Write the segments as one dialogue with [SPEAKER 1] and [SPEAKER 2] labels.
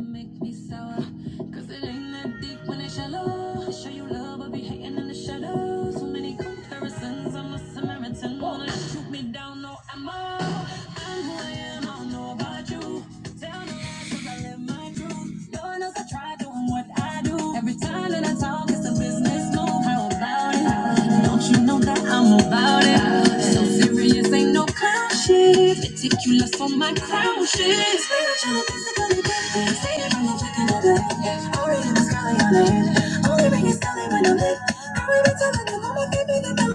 [SPEAKER 1] Make me sour, cause it ain't that deep when it's shallow. I show you love, I'll be hating in the shadows. So many comparisons, I'm a Samaritan. Wanna shoot me down, no ammo. I'm who I am, I don't know about you. Tell no lies, 'cause I live my truth. Lord knows I tried doing what I do. Every time that I talk, it's a business move. How about it? Don't you know that I'm about it? So serious, ain't no clown shit. Meticulous on my crown shit. Spiritual and physically gifted. See it from the chicken of it. Already the sky on it. Only ring is telling when I'm lit. I remember telling them I'm a baby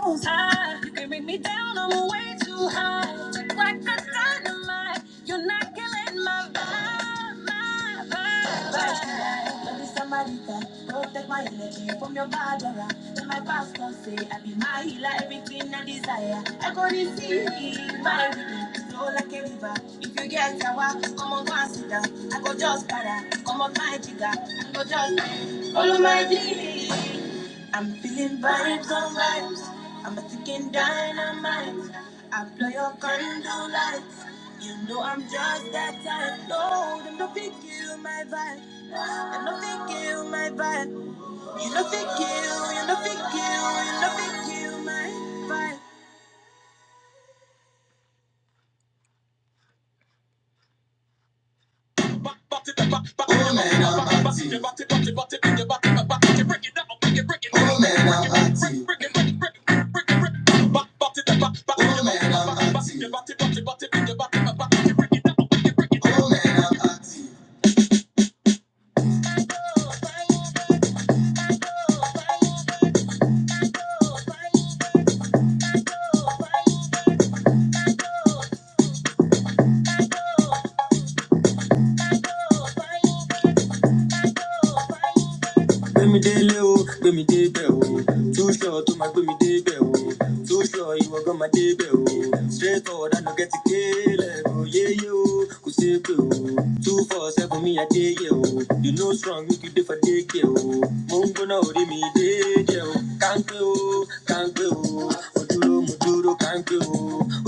[SPEAKER 1] knows how? You can bring me down, I'm way too high. Like a dynamite, you're not killing my vibe, my vibe. vibe. Don't be somebody that protect my energy from your bad aura. Then my pastor say, I be my healer, everything I desire. I go to see my rhythm, flow like a river. If you get sour, come on, go and sit down. I go just para, come on, my jigger. I go just, follow my dream. I'm feeling vibes on vibes. I'm a ticking dynamite. I blow your condo lights. You know I'm just that type. No, them no fit kill my vibe. Them no fit kill my vibe. You no fit kill, you no fit kill, you no fit kill my Oh man, I'm hot tea. Oh man, I'm hot tea. Oh man, I'm hot tea. Oh man, I'm hot tea. gbẹmí délé o gbẹmí débẹ o túṣọ tó máa gbẹmí débẹ o túṣọ ìwọ gan máa débẹ o straight forward àná kẹ́tì yeah, o yéyé o kò ṣeé pé o two four seven mi àdéyé o you know strong make you dey for dékè o mo ń gbóná orí mi déédéé o káńpé o káńpé o mo dúró mo dúró duro kan gbe o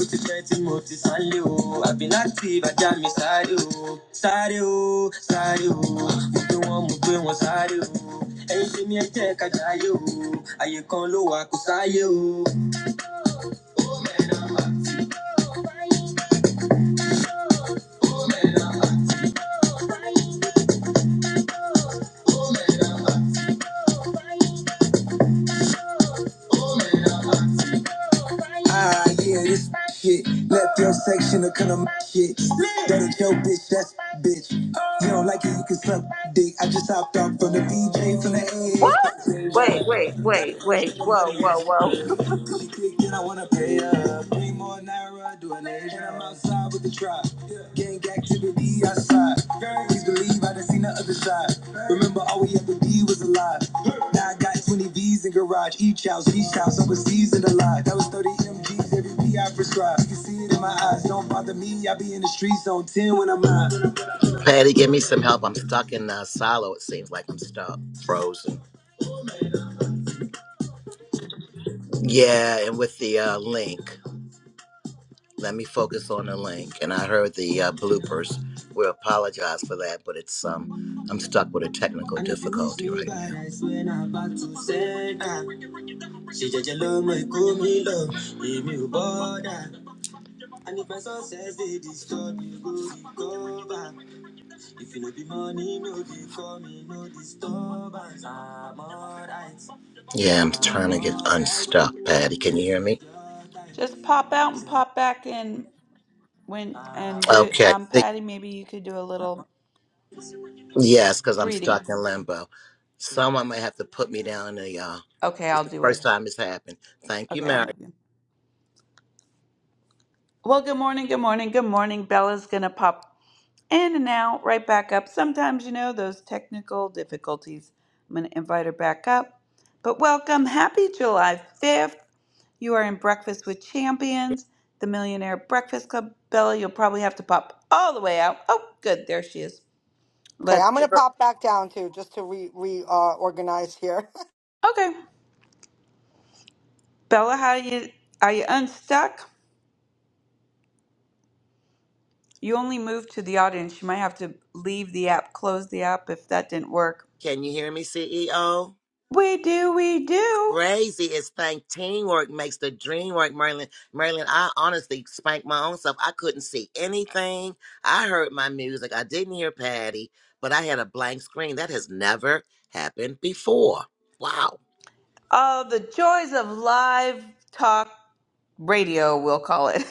[SPEAKER 1] ó ti pẹ́ tí mo ti sáré o àbí láti ìbàjá mi sáré o sáré o sáré o mo gbé wọn mo gbé wọn sáré o ẹyin ṣe ni ẹjẹ kájà ayé o àyè kan ló wà kó sáyé o Alright, yeah, this shit. Left your section to cut on my shit. That ain't your bitch, that's my bitch. You don't like it, you can suck dick. I just hopped off from the VJ from the
[SPEAKER 2] What?
[SPEAKER 1] edge.
[SPEAKER 2] Wait, wait,
[SPEAKER 1] Yeah, Gotta
[SPEAKER 2] wait,
[SPEAKER 1] put this
[SPEAKER 2] wait.
[SPEAKER 1] nigga
[SPEAKER 2] Whoa,
[SPEAKER 1] money.
[SPEAKER 2] whoa, whoa.
[SPEAKER 1] If she click, then I wanna pay up. Nara doing it, and I'm outside with the tribe. Gang activity outside. Please believe I done seen the other side. Remember, all we ever be was alive. Now I got 20 V's in garage. Each house, each house, I was seasoned alive. That was 30 MGs, every P I prescribed. You can see it in my eyes. Don't bother me, I be in the streets on 10 when I'm out. Patty, give me some help. I'm stuck in uh, silo, it seems like I'm stuck, frozen. Yeah, and with the uh, link. let me focus on the link. And I heard the uh, bloopers. We apologize for that, but it's um, I'm stuck with a technical difficulty right now. And if my success they disturb me, go recover. If you no be money, no be call me, no disturbance. I'm alright. Yeah, I'm trying to get unstuck, Patty. Can you hear me?
[SPEAKER 2] Just pop out and pop back in when and we,
[SPEAKER 1] Okay,
[SPEAKER 2] um Patty, maybe you could do a little
[SPEAKER 1] Yes, because I'm
[SPEAKER 2] greeting.
[SPEAKER 1] stuck in limbo. Someone may have to put me down there, y'all.
[SPEAKER 2] Okay,
[SPEAKER 1] This
[SPEAKER 2] I'll
[SPEAKER 1] is the
[SPEAKER 2] do
[SPEAKER 1] first
[SPEAKER 2] it.
[SPEAKER 1] time it's happened. Thank you,
[SPEAKER 2] Okay, I'll
[SPEAKER 1] Mary.
[SPEAKER 2] move you. Well, good morning, good morning, good morning. Bella's gonna pop in and out, right back up. Sometimes you know those technical difficulties. I'm gonna invite her back up. But welcome, happy July 5th. You are in Breakfast with Champions, the Millionaire Breakfast Club. Bella, you'll probably have to pop all the way out. Oh, good. There she is.
[SPEAKER 3] Okay,
[SPEAKER 2] Let's
[SPEAKER 3] I'm gonna
[SPEAKER 2] give her.
[SPEAKER 3] pop back down too, just to re reorganize uh, organize here.
[SPEAKER 2] Okay. Bella, how you are you unstuck? You only moved to the audience. You might have to leave the app, close the app if that didn't work.
[SPEAKER 1] Can you hear me, CEO?
[SPEAKER 2] We do, we do.
[SPEAKER 1] Crazy is think teamwork makes the dream work, Merlin. Merlin, I honestly spanked my own self. I couldn't see anything. I heard my music. I didn't hear Patty, but I had a blank screen. That has never happened before. Wow.
[SPEAKER 2] Oh, the joys of live talk radio, we'll call it.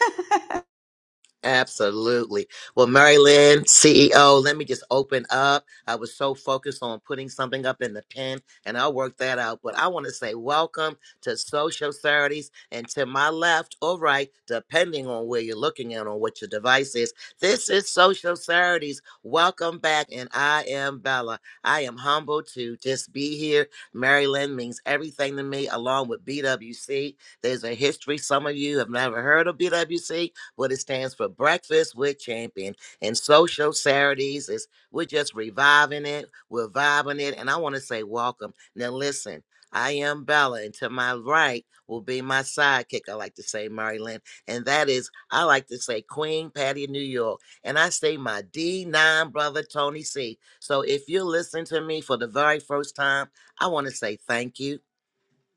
[SPEAKER 1] Absolutely. Well, Mary Lynn, CEO, let me just open up. I was so focused on putting something up in the pen, and I'll work that out. But I want to say welcome to Social Saturdays, and to my left or right, depending on where you're looking at on what your device is. This is Social Saturdays. Welcome back, and I am Bella. I am humbled to just be here. Mary Lynn means everything to me, along with BWC. There's a history. Some of you have never heard of BWC what it stands for Breakfast with Champion. And Social Saturdays is we're just reviving it, we're vibing it. And I want to say welcome. Now, listen, I am Bella, and to my right will be my sidekick, I like to say, Mary Lynn. And that is, I like to say, Queen Patty of New York. And I say, my D9 brother, Tony C. So if you're listening to me for the very first time, I want to say thank you.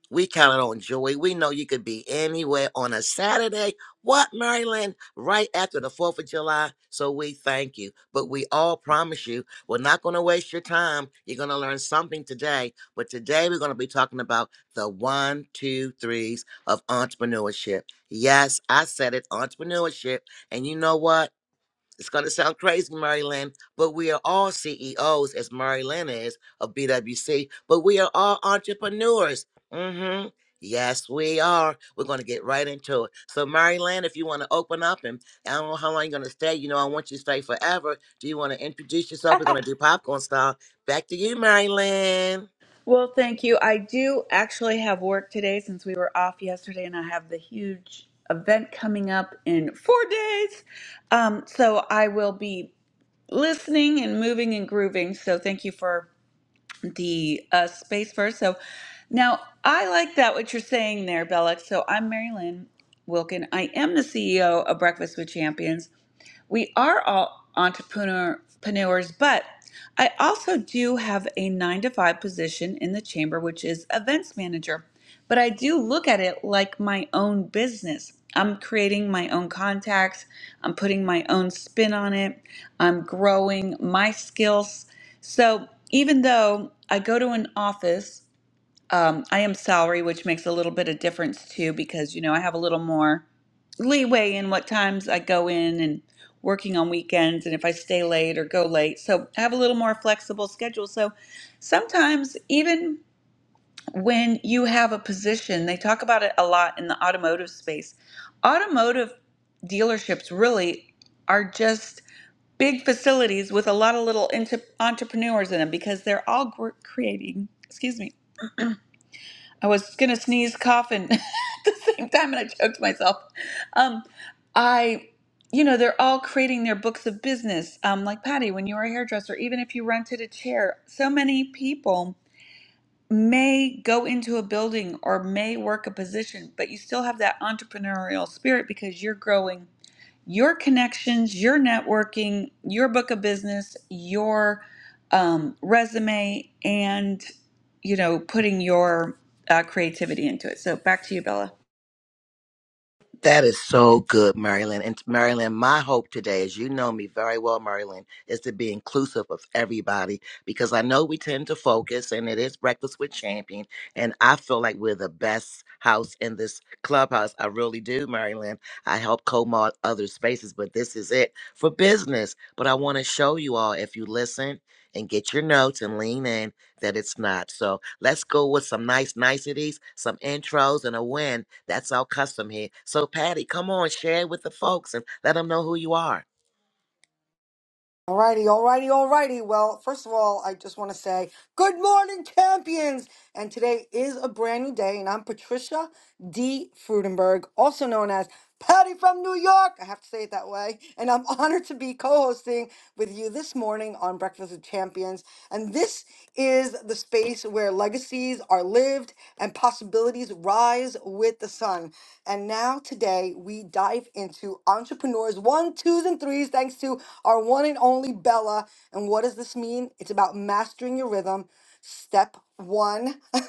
[SPEAKER 1] We counted on Joey. We know you could be anywhere on a Saturday. What, Maryland? Right after the 4th of July. So we thank you. But we all promise you, we're not going to waste your time. You're going to learn something today. But today we're going to be talking about the one, two, threes of entrepreneurship. Yes, I said it entrepreneurship. And you know what? It's going to sound crazy, Mary Lynn, but we are all CEOs, as Mary Lynn is of BWC, but we are all entrepreneurs. mm hmm Yes, we are. We're going to get right into it. So, Mary Lynn, if you want to open up, and I don't know how long you're going to stay. You know, I want you to stay forever. Do you want to introduce yourself? We're going to do popcorn style. Back to you, Mary Lynn.
[SPEAKER 2] Well, thank you. I do actually have work today since we were off yesterday, and I have the huge event coming up in four days. Um, so I will be listening and moving and grooving. So thank you for the uh, space first. So now I like that what you're saying there, Bellex. So I'm Mary Lynn Wilkin. I am the CEO of Breakfast with Champions we are all entrepreneurs, but I also do have a nine to five position in the chamber, which is events manager. But I do look at it like my own business. I'm creating my own contacts, I'm putting my own spin on it, I'm growing my skills. So even though I go to an office um, I am salary, which makes a little bit of difference too, because you know I have a little more leeway in what times I go in and working on weekends, and if I stay late or go late, so I have a little more flexible schedule. So sometimes, even when you have a position, they talk about it a lot in the automotive space. Automotive dealerships really are just big facilities with a lot of little inter- entrepreneurs in them because they're all gr- creating. Excuse me I was gonna sneeze, cough, and at the same time, and I choked myself. Um, I, you know, they're all creating their books of business. Um, like Patty, when you were a hairdresser, even if you rented a chair, so many people may go into a building or may work a position, but you still have that entrepreneurial spirit because you're growing your connections, your networking, your book of business, your um, resume, and you know, putting your uh, creativity into it. So back to you, Bella.
[SPEAKER 1] That is so good, Marilyn. And Marilyn, my hope today, as you know me very well, Marilyn, is to be inclusive of everybody because I know we tend to focus and it is Breakfast with Champion. And I feel like we're the best house in this clubhouse. I really do, Marilyn. I help co mod other spaces, but this is it for business. But I want to show you all if you listen and get your notes and lean in, that it's not. So let's go with some nice niceties, some intros, and a win. That's our custom here. So, Patty, come on, share it with the folks and let them know who you are.
[SPEAKER 3] Alrighty, alrighty, alrighty. Well, first of all, I just want to say good morning, champions. And today is a brand new day, and I'm Patricia D. Frudenberg, also known as Patty from New York. I have to say it that way. And I'm honored to be co-hosting with you this morning on Breakfast with Champions. And this is the space where legacies are lived and possibilities rise with the sun. And now today we dive life into entrepreneurs, one, twos, and threes, thanks to our one and only Bella. And what does this mean? It's about mastering your rhythm. Step one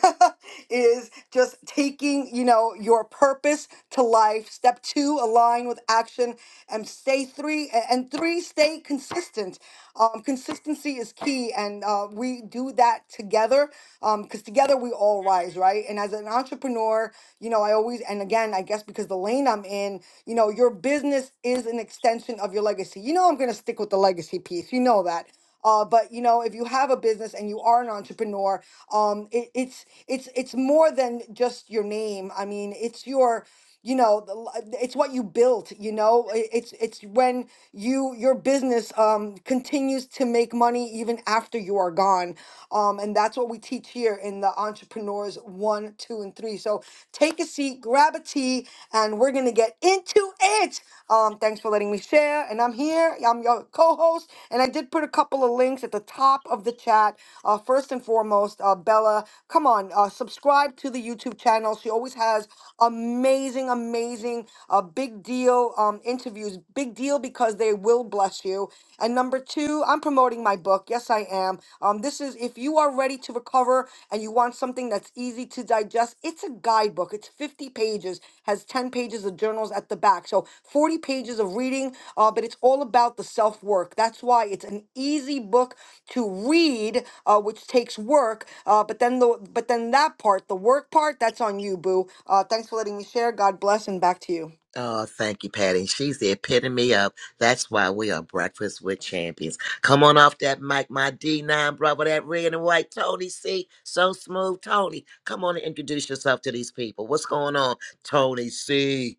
[SPEAKER 3] is just taking, you know, your purpose to life. Step two, align with action. And stay three, a- and three, stay consistent. Um, consistency is key. And uh, we do that together because together we all rise, right? And as an entrepreneur, entrepreneur, you know, I always, and again, I guess because the lane I'm in, you know, your business is an extension of your legacy. You know, I'm going to stick with the legacy piece. You know that. Uh, but you know, if you have a business and you are an entrepreneur, um, it, it's it's it's more than just your name. I mean, it's your you know the li- it's what you built you know I- it's it's when you your business um continues to make money even after you are gone um and that's what we teach here in the entrepreneurs one two and three so take a seat grab a tea and we're gonna get into it um thanks for letting me share and i'm here i'm your co-host co-host, and I did put a couple of links at the top of the chat. Uh, first and foremost, uh, Bella, come on, uh, subscribe to the YouTube channel. She always has amazing, amazing, uh, big deal um, interviews. Big deal because they will bless you. And number two, I'm promoting my book. Yes, I am. Um, this is if you are ready to recover and you. You want something that's easy to digest. It's a guidebook. It's 50 pages, has 10 pages of journals at the back. So 40 pages of reading, uh, but it's all about the self work. That's why it's an easy book to read, uh, which takes work. Uh, but then the but then that part, the work part, that's on you, boo. Uh, thanks for letting me share. God bless, and back to you.
[SPEAKER 1] Oh, thank you, Patty. She's the epitome of that's why we are Breakfast with Champions. Come on off that mic, my D9 brother, that red and white Tony C. So smooth, Tony. Come on and introduce yourself to these people. What's going on, Tony C?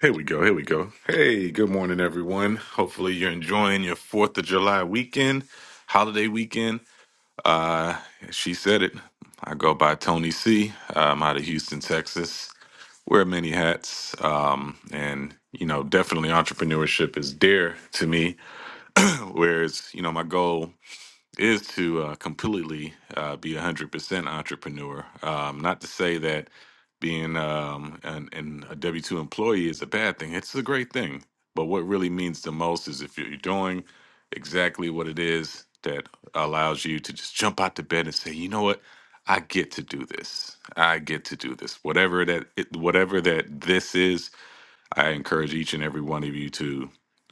[SPEAKER 4] Here we go. Here we go. Hey, good morning, everyone. Hopefully, you're enjoying your 4th of July weekend, holiday weekend. Uh, she said it. I go by Tony C. I'm out of Houston, Texas. Wear many hats. Um, and, you know, definitely entrepreneurship is dear to me, whereas, you know, my goal is to uh, completely uh, be 100% entrepreneur. Um, not to say that being um, an, an, a W 2 employee is a bad thing, it's a great thing. But what really means the most is if you're doing exactly what it is that allows you to just jump out to bed and say, you know what? I get to do this. I get to do this. Whatever that it, whatever that this is, I encourage each and every one of you to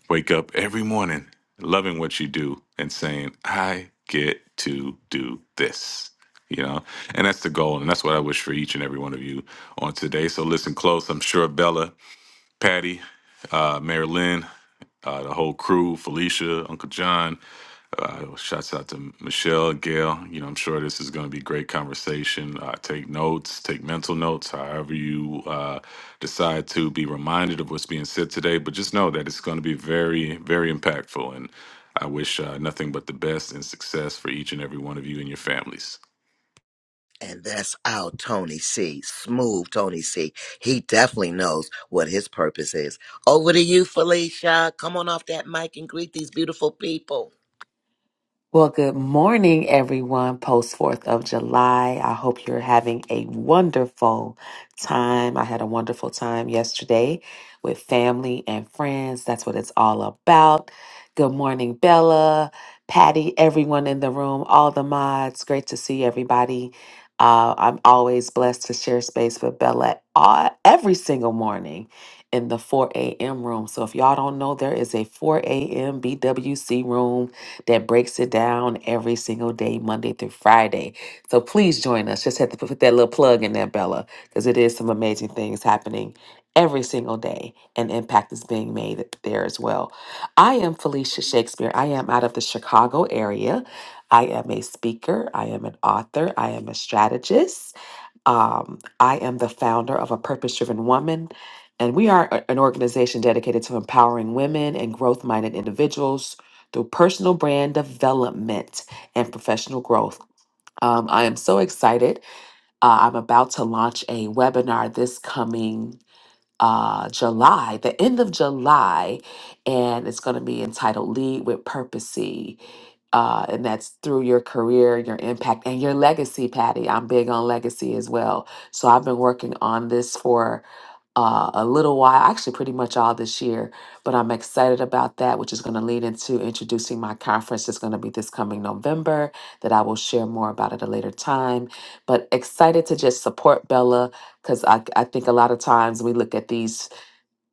[SPEAKER 4] wake up every morning loving what you do and saying, I get to do this. You know, and that's the goal. And that's what I wish for each and every one of you on today. So listen close. I'm sure Bella, Patty, uh, Mary Lynn, uh, the whole crew, Felicia, Uncle John, uh, shouts out to Michelle, Gail. You know, I'm sure this is going to be great conversation. Uh, take notes, take mental notes, however you uh, decide to be reminded of what's being said today. But just know that it's going to be very, very impactful. And I wish uh, nothing but the best and success for each and every one of you and your families.
[SPEAKER 1] And that's our Tony C. Smooth Tony C. He definitely knows what his purpose is. Over to you, Felicia. Come on off that mic and greet these beautiful people.
[SPEAKER 5] Well, good morning, everyone. Post 4th of July. I hope you're having a wonderful time. I had a wonderful time yesterday with family and friends. That's what it's all about. Good morning, Bella, Patty, everyone in the room, all the mods. Great to see everybody. Uh, I'm always blessed to share space with Bella uh, every single morning in the 4 a.m. room. So if y'all don't know, there is a 4 a.m. BWC room that breaks it down every single day, Monday through Friday. So please join us. Just had to put that little plug in there, Bella, because it is some amazing things happening every single day, and impact is being made there as well. I am Felicia Shakespeare. I am out of the Chicago area. I am a speaker, I am an author, I am a strategist. Um, I am the founder of A Purpose Driven Woman, and we are a- an organization dedicated to empowering women and growth minded individuals through personal brand development and professional growth. Um, I am so excited. Uh, I'm about to launch a webinar this coming uh, July, the end of July, and it's going to be entitled Lead with Purposey. Uh, and that's through your career, your impact, and your legacy, Patty. I'm big on legacy as well. So I've been working on this for uh, a little while, actually, pretty much all this year. But I'm excited about that, which is going to lead into introducing my conference. It's going to be this coming November, that I will share more about at a later time. But excited to just support Bella because I, I think a lot of times we look at these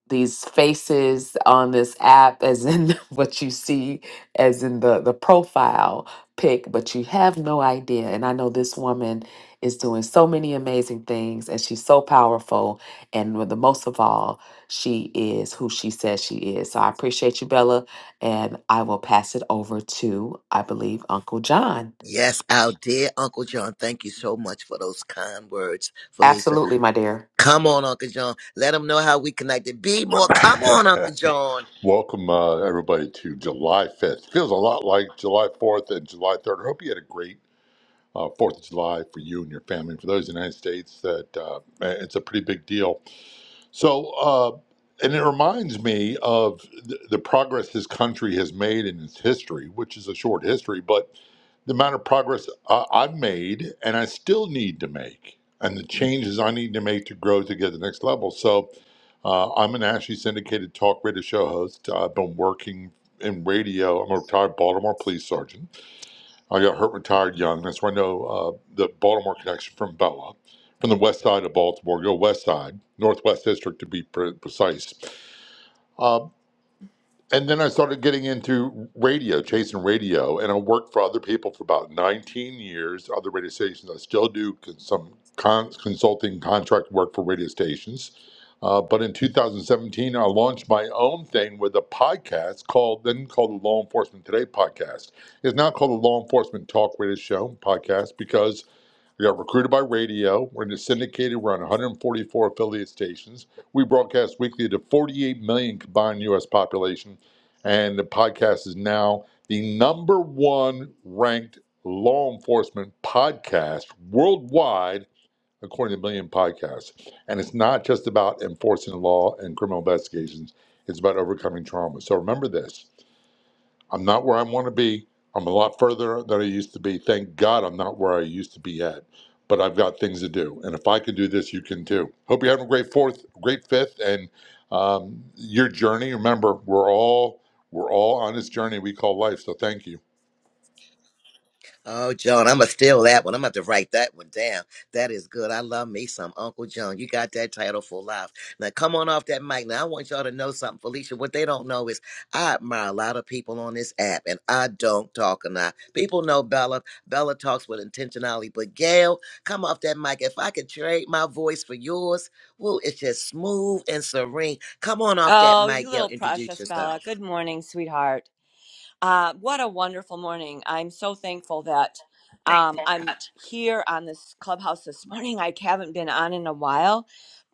[SPEAKER 5] these faces on this app as in what you see as in the the profile pic but you have no idea and i know this woman is doing so many amazing things and she's so powerful and with the most of all she is who she says she is so i appreciate you bella and i will pass it over to i believe uncle john
[SPEAKER 1] Yes, our dear Uncle John. Thank you so much for those kind words, Felicia.
[SPEAKER 5] absolutely my dear
[SPEAKER 1] Come on, Uncle John. Let them know how we connected. Be more. Come on, Uncle John.
[SPEAKER 6] Welcome, uh, everybody, to July 5th. Feels a lot like July 4th and July 3rd. I hope you had a great uh, 4th of July for you and your family. For those in the United States, that uh, it's a pretty big deal. So, uh, and it reminds me of the, the progress this country has made in its history, which is a short history, but the amount of progress I, I've made and I still need to make, and the changes I need to make to grow to get to the next level. So, uh, I'm an Ashley syndicated talk radio show host. I've been working in radio. I'm a retired Baltimore police sergeant. I got hurt, retired young. That's where I know uh, the Baltimore connection from Bella, from the west side of Baltimore. Go west side, northwest district to be pre- precise. Um, and then I started getting into radio, chasing radio, and I worked for other people for about 19 years, other radio stations. I still do con- some con- consulting contract work for radio stations. Uh, but in 2017, I launched my own thing with a podcast called, then called the Law Enforcement Today podcast. It's now called the Law Enforcement Talk Radio Show podcast because we got recruited by radio. We're in the syndicated. We're on 144 affiliate stations. We broadcast weekly to 48 million combined U.S. population, and the podcast is now the number one ranked law enforcement podcast worldwide, according to Million Podcasts. And it's not just about enforcing the law and criminal investigations; it's about overcoming trauma. So remember this. I'm not where I want to be. I'm a lot further than I used to be. Thank God I'm not where I used to be at. But I've got things to do. And if I can do this, you can too. Hope you're having a great fourth, great fifth, and um, your journey. Remember, we're all we're all on this journey we call life. So thank you.
[SPEAKER 1] Oh, John, I'm gonna steal that one. I'm gonna have to write that one down. That is good. I love me some Uncle John. You got that title for life. Now, come on off that mic. Now, I want y'all to know something, Felicia. What they don't know is I admire a lot of people on this app, and I don't talk enough. People know Bella. Bella talks with intentionality. But Gail, come off that mic. If I could trade my voice for yours, woo, it's just smooth and serene. Come on off that
[SPEAKER 7] Oh,
[SPEAKER 1] mic,
[SPEAKER 7] you
[SPEAKER 1] Gail.
[SPEAKER 7] little
[SPEAKER 1] Introduce
[SPEAKER 7] precious Bella.
[SPEAKER 1] yourself.
[SPEAKER 7] Good morning, sweetheart. Uh, what a wonderful morning. I'm so thankful that um, I'm here on this clubhouse this morning. I haven't been on in a while.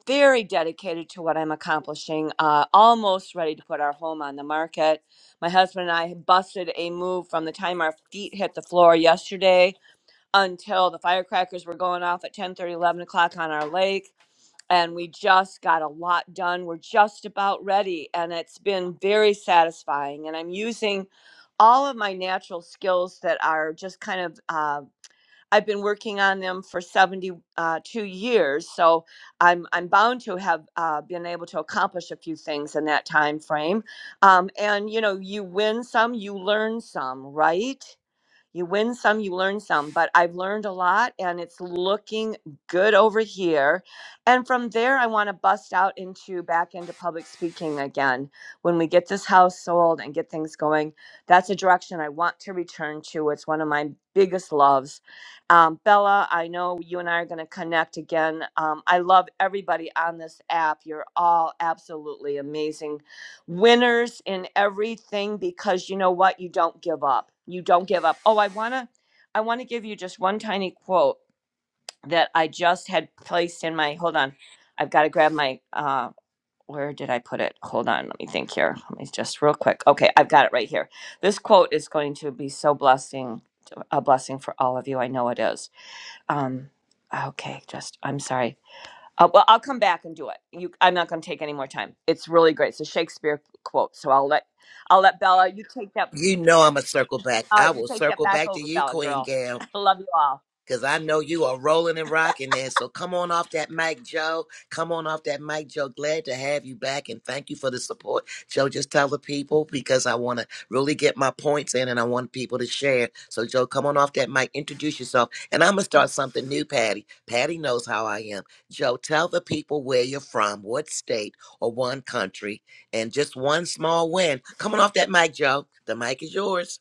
[SPEAKER 7] Very dedicated to what I'm accomplishing. Uh, almost ready to put our home on the market. My husband and I busted a move from the time our feet hit the floor yesterday until the firecrackers were going off at 10 thirty, 11 o'clock on our lake and we just got a lot done. We're just about ready, and it's been very satisfying. And I'm using all of my natural skills that are just kind of uh, I've been working on them for 72 years, so I'm I'm bound to have uh, been able to accomplish a few things in that time frame. Um, and you know, you win some, you learn some, right? You win some, you learn some, but I've learned a lot and it's looking good over here. And from there, I want to bust out into back into public speaking again. When we get this house sold and get things going, that's a direction I want to return to. It's one of my biggest loves. Um, Bella, I know you and I are going to connect again. Um, I love everybody on this app. You're all absolutely amazing winners in everything because you know what you don't give up you don't give up oh i want to i want to give you just one tiny quote that i just had placed in my hold on i've got to grab my uh where did i put it hold on let me think here let me just real quick okay i've got it right here this quote is going to be so blessing a blessing for all of you i know it is um okay just i'm sorry uh, well, I'll come back and do it. You, I'm not going to take any more time. It's really great. It's a Shakespeare quote, so I'll let I'll let Bella. You take that.
[SPEAKER 1] You know I'm gonna circle back.
[SPEAKER 7] All
[SPEAKER 1] I
[SPEAKER 7] right, you
[SPEAKER 1] will
[SPEAKER 7] take that
[SPEAKER 1] circle
[SPEAKER 7] back
[SPEAKER 1] back to
[SPEAKER 7] over,
[SPEAKER 1] you,
[SPEAKER 7] Bella
[SPEAKER 1] Queen
[SPEAKER 7] girl.
[SPEAKER 1] Gail.
[SPEAKER 7] I love you all.
[SPEAKER 1] Because I know you are rolling and rocking there. So come on off that mic, Joe. Come on off that mic, Joe. Glad to have you back and thank you for the support. Joe, just tell the people because I want to really get my points in and I want people to share. So, Joe, come on off that mic, introduce yourself. And I'm going to start something new, Patty. Patty knows how I am. Joe, tell the people where you're from, what state or one country, and just one small win. Come on off that mic, Joe. The mic is yours.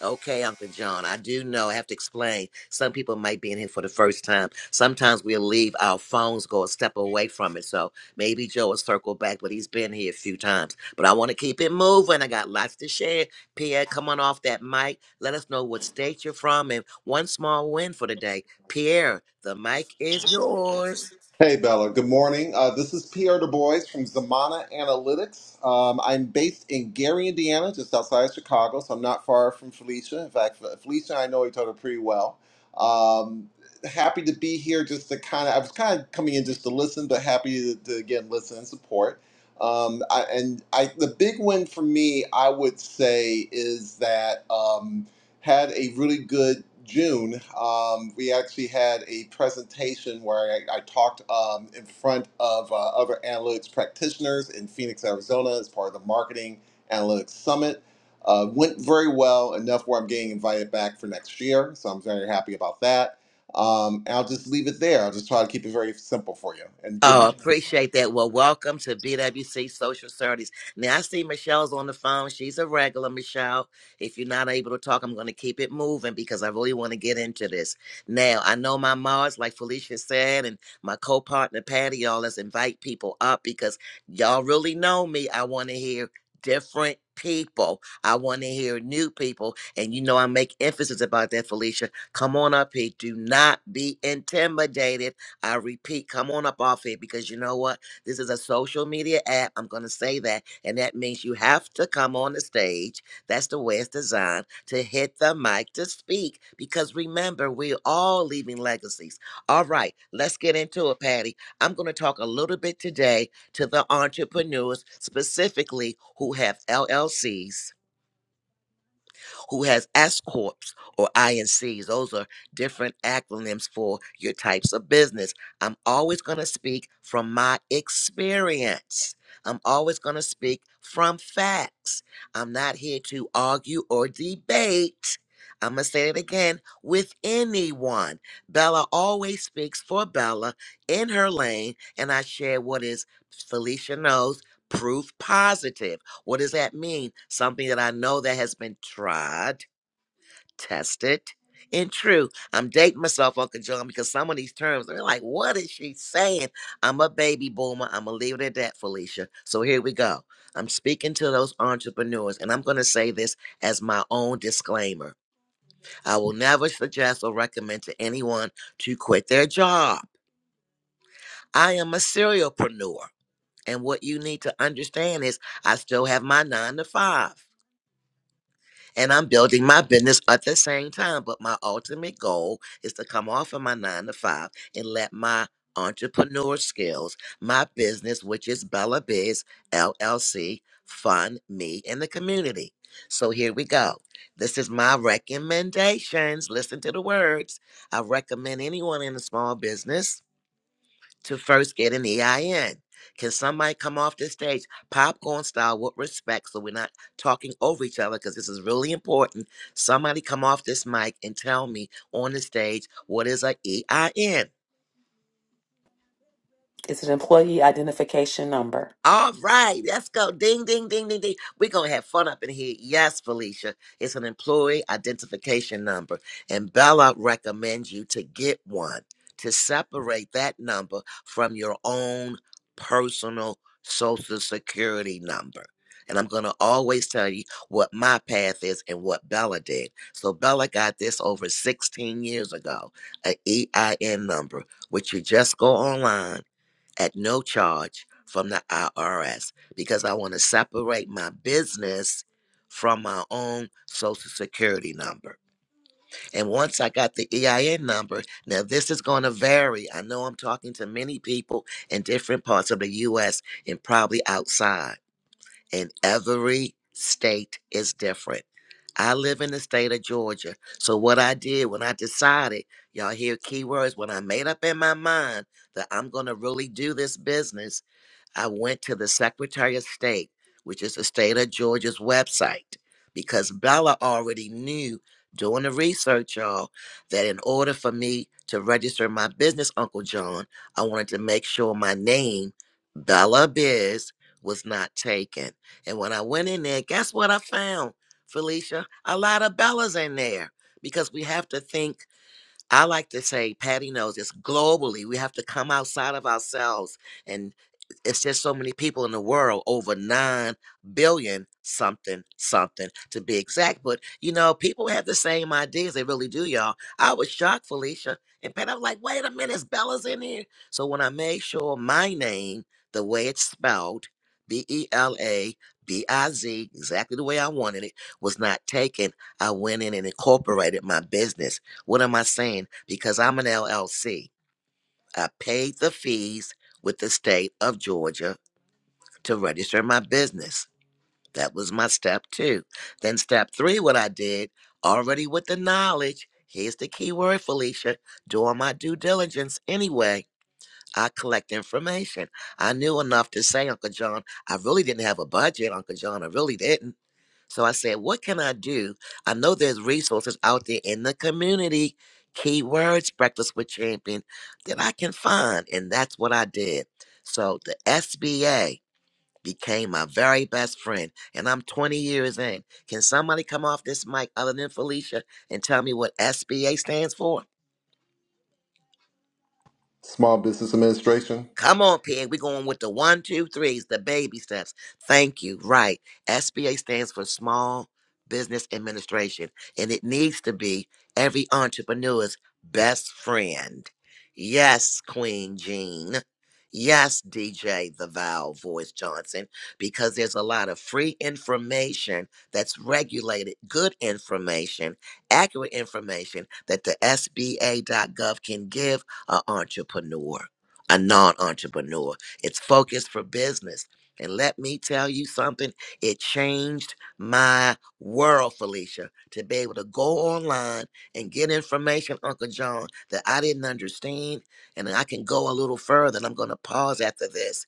[SPEAKER 1] Okay, Uncle John, I do know. I have to explain. Some people might be in here for the first time. Sometimes we'll leave our phones go a step away from it. So maybe Joe will circle back, but he's been here a few times. But I want to keep it moving. I got lots to share. Pierre, come on off that mic. Let us know what state you're from and one small win for the day. Pierre, the mic is yours.
[SPEAKER 8] Hey, Bella. Good morning. Uh, this is Pierre Du Bois from Zamana Analytics. Um, I'm based in Gary, Indiana, just outside of Chicago, so I'm not far from Felicia. In fact, Fe- Felicia, I know each other pretty well. Um, happy to be here just to kind of, I was kind of coming in just to listen, but happy to, to again listen and support. Um, I, and I, the big win for me, I would say, is that. Um, had a really good June. Um, we actually had a presentation where I, I talked um, in front of uh, other analytics practitioners in Phoenix, Arizona, as part of the Marketing Analytics Summit. Uh, went very well, enough where I'm getting invited back for next year, so I'm very happy about that. Um, and I'll just leave it there. I'll just try to keep it very simple for you. And good
[SPEAKER 1] Oh, appreciate that. Well, welcome to BWC Social Studies. Now, I see Michelle's on the phone. She's a regular, Michelle. If you're not able to talk, I'm going to keep it moving because I really want to get into this. Now, I know my Mars, like Felicia said, and my co partner Patty, y'all, let's invite people up because y'all really know me. I want to hear different people. I want to hear new people. And you know, I make emphasis about that, Felicia. Come on up here. Do not be intimidated I repeat, come on up off here because you know what? This is a social media app. I'm going to say that. And that means you have to come on the stage. That's the way it's designed to hit the mic to speak. Because remember, we're all leaving legacies. All right, let's get into it, Patty. I'm going to talk a little bit today to the entrepreneurs, specifically who have LLCs who has S Corps or INCs. Those are different acronyms for your types of business. I'm always going to speak from my experience. I'm always going to speak from facts. I'm not here to argue or debate. I'm going to say it again with anyone. Bella always speaks for Bella in her lane, and I share what is Felicia knows proof positive. What does that mean? Something that I know that has been tried, tested, and true. I'm dating myself, Uncle John, because some of these terms, they're like, what is she saying? I'm a baby boomer. I'm going to leave it at that, Felicia. So here we go. I'm speaking to those entrepreneurs, and I'm going to say this as my own disclaimer. I will never suggest or recommend to anyone to quit their job. I am a serialpreneur. And what you need to understand is I still have my nine to five. and I'm building my business at the same time. But my ultimate goal is to come off of my nine to five and let my entrepreneur skills, my business, which is Bella Biz LLC, fund me and the community. So here we go. This is my recommendations. Listen to the words. I recommend anyone in a small business to first get an EIN. Can somebody come off the stage, popcorn style, with respect, so we're not talking over each other? Because this is really important. Somebody come off this mic and tell me on the stage what is a EIN.
[SPEAKER 5] It's an employee identification number.
[SPEAKER 1] All right, let's go. Ding, ding, ding, ding, ding. We're going to have fun up in here. Yes, Felicia. It's an employee identification number. And Bella recommends you to get one to separate that number from your own personal social security number. And I'm going to always tell you what my path is and what Bella did. So Bella got this over 16 years ago, an EIN number, which you just go online at no charge from the IRS because I want to separate my business from my own social security number. And once I got the EIN number, now this is going to vary. I know I'm talking to many people in different parts of the US and probably outside, and every state is different. I live in the state of Georgia. So what I did when I decided, y'all hear keywords when I made up in my mind that I'm going to really do this business, I went to the Secretary of State, which is the state of Georgia's website, because Bella already knew doing the research, y'all, that in order for me to register my business, Uncle John, I wanted to make sure my name, Bella Biz, was not taken. And when I went in there, guess what I found, Felicia? A lot of Bellas in there because we have to think I like to say, Patty knows this globally. We have to come outside of ourselves. And it's just so many people in the world, over 9 billion something, something to be exact. But, you know, people have the same ideas. They really do, y'all. I was shocked, Felicia. And Patty, I was like, wait a minute, is Bella's in here. So when I made sure my name, the way it's spelled, B E L A B I Z, exactly the way I wanted it, was not taken, I went in and incorporated my business what am I saying? Because I'm an LLC. I paid the fees with the state of Georgia to register my business. That was my step two. Then step three, what I did already with the knowledge. Here's the key word, Felicia. Doing my due diligence anyway. I collect information. I knew enough to say, Uncle John, I really didn't have a budget, Uncle John. I really didn't. So I said, what can I do? I know there's resources out there in the community, keywords, Breakfast with Champion, that I can find. And that's what I did. So the SBA became my very best friend. And I'm 20 years in. Can somebody come off this mic other than Felicia and tell me what SBA stands for?
[SPEAKER 8] small business administration.
[SPEAKER 1] Come on, Pig. We're going with the one, two, threes, the baby steps. Thank you. Right. SBA stands for Small Business Administration, and it needs to be every entrepreneur's best friend. Yes, Queen Jean. Yes, DJ The Vowel Voice Johnson, because there's a lot of free information that's regulated, good information, accurate information that the SBA.gov can give an entrepreneur a non entrepreneur. It's focused for business. And let me tell you something, it changed my world, Felicia, to be able to go online and get information, Uncle John, that I didn't understand. And I can go a little further, and I'm going to pause after this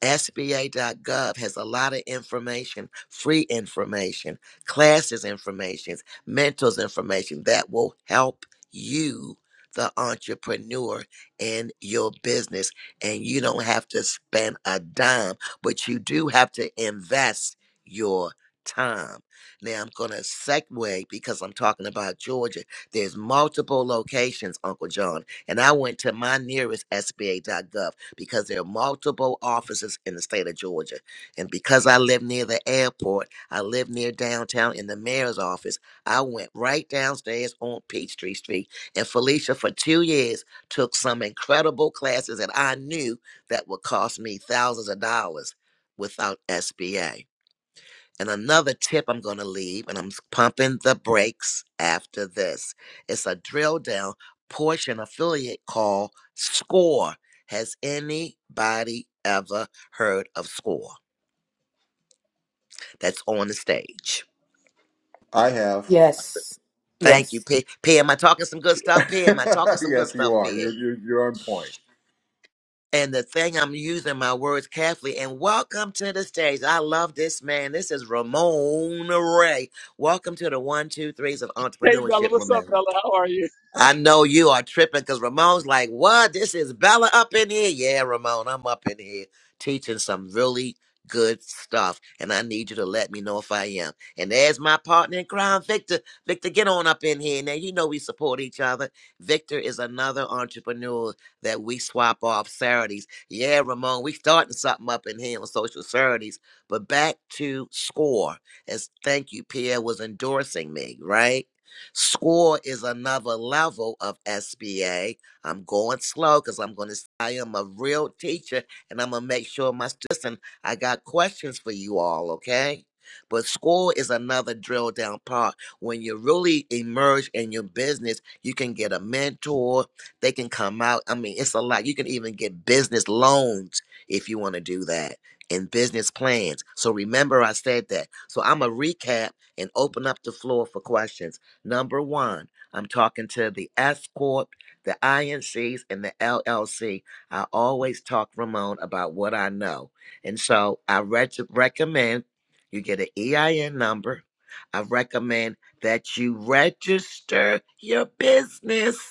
[SPEAKER 1] SBA.gov has a lot of information, free information, classes information, mentors information that will help you, the entrepreneur, in your business. And you don't have to spend a dime, but you do have to invest your time. Now I'm going to segue because I'm talking about Georgia. There's multiple locations, Uncle John, and I went to my nearest SBA.gov because there are multiple offices in the state of Georgia. And because I live near the airport, I live near downtown in the mayor's office, I went right downstairs on Peachtree Street. And Felicia, for two years, took some incredible classes that I knew that would cost me thousands of dollars without SBA. And another tip I'm going to leave, and I'm s- pumping the brakes after this. It's a drill down portion affiliate call SCORE. Has anybody ever heard of SCORE that's on the stage?
[SPEAKER 8] I have.
[SPEAKER 5] yes yes
[SPEAKER 1] Thank you, P. P, am I talking some good stuff? P, am I talking some good
[SPEAKER 8] yes, you
[SPEAKER 1] stuff,
[SPEAKER 8] are.
[SPEAKER 1] P?
[SPEAKER 8] You're, you're, you're on point.
[SPEAKER 1] And the thing I'm using my words carefully, and welcome to the stage. I love this man. This is Ramon Ray. Welcome to the one, two, threes of
[SPEAKER 9] Hey Bella,
[SPEAKER 1] entrepreneurship,
[SPEAKER 9] what's
[SPEAKER 1] Ramon.
[SPEAKER 9] up, Bella? How are you?
[SPEAKER 1] I know you are tripping because Ramon's like, what? This is Bella up in here. Yeah, Ramon, I'm up in here teaching some really good stuff. And I need you to let me know if I am. And there's my partner in crime, Victor. Victor, get on up in here. Now, you know we support each other. Victor is another entrepreneur that we swap off Saturdays. Yeah, Ramon, we starting something up in here on social Saturdays. But back to score. As thank you, Pierre was endorsing me, right? SCORE is another level of SBA. I'm going slow because I'm going to, I am a real teacher and I'm going to make sure my students, and I got questions for you all, okay? But SCORE is another drill down part. When you really emerge in your business, you can get a mentor. They can come out. I mean, it's a lot. You can even get business loans if you want to do that and business plans. So remember, I said that. So I'm gonna recap and open up the floor for questions. Number one, I'm talking to the S Corp, the INCs, and the LLC. I always talk, Ramon, about what I know. And so I reg- recommend you get an EIN number. I recommend that you register your business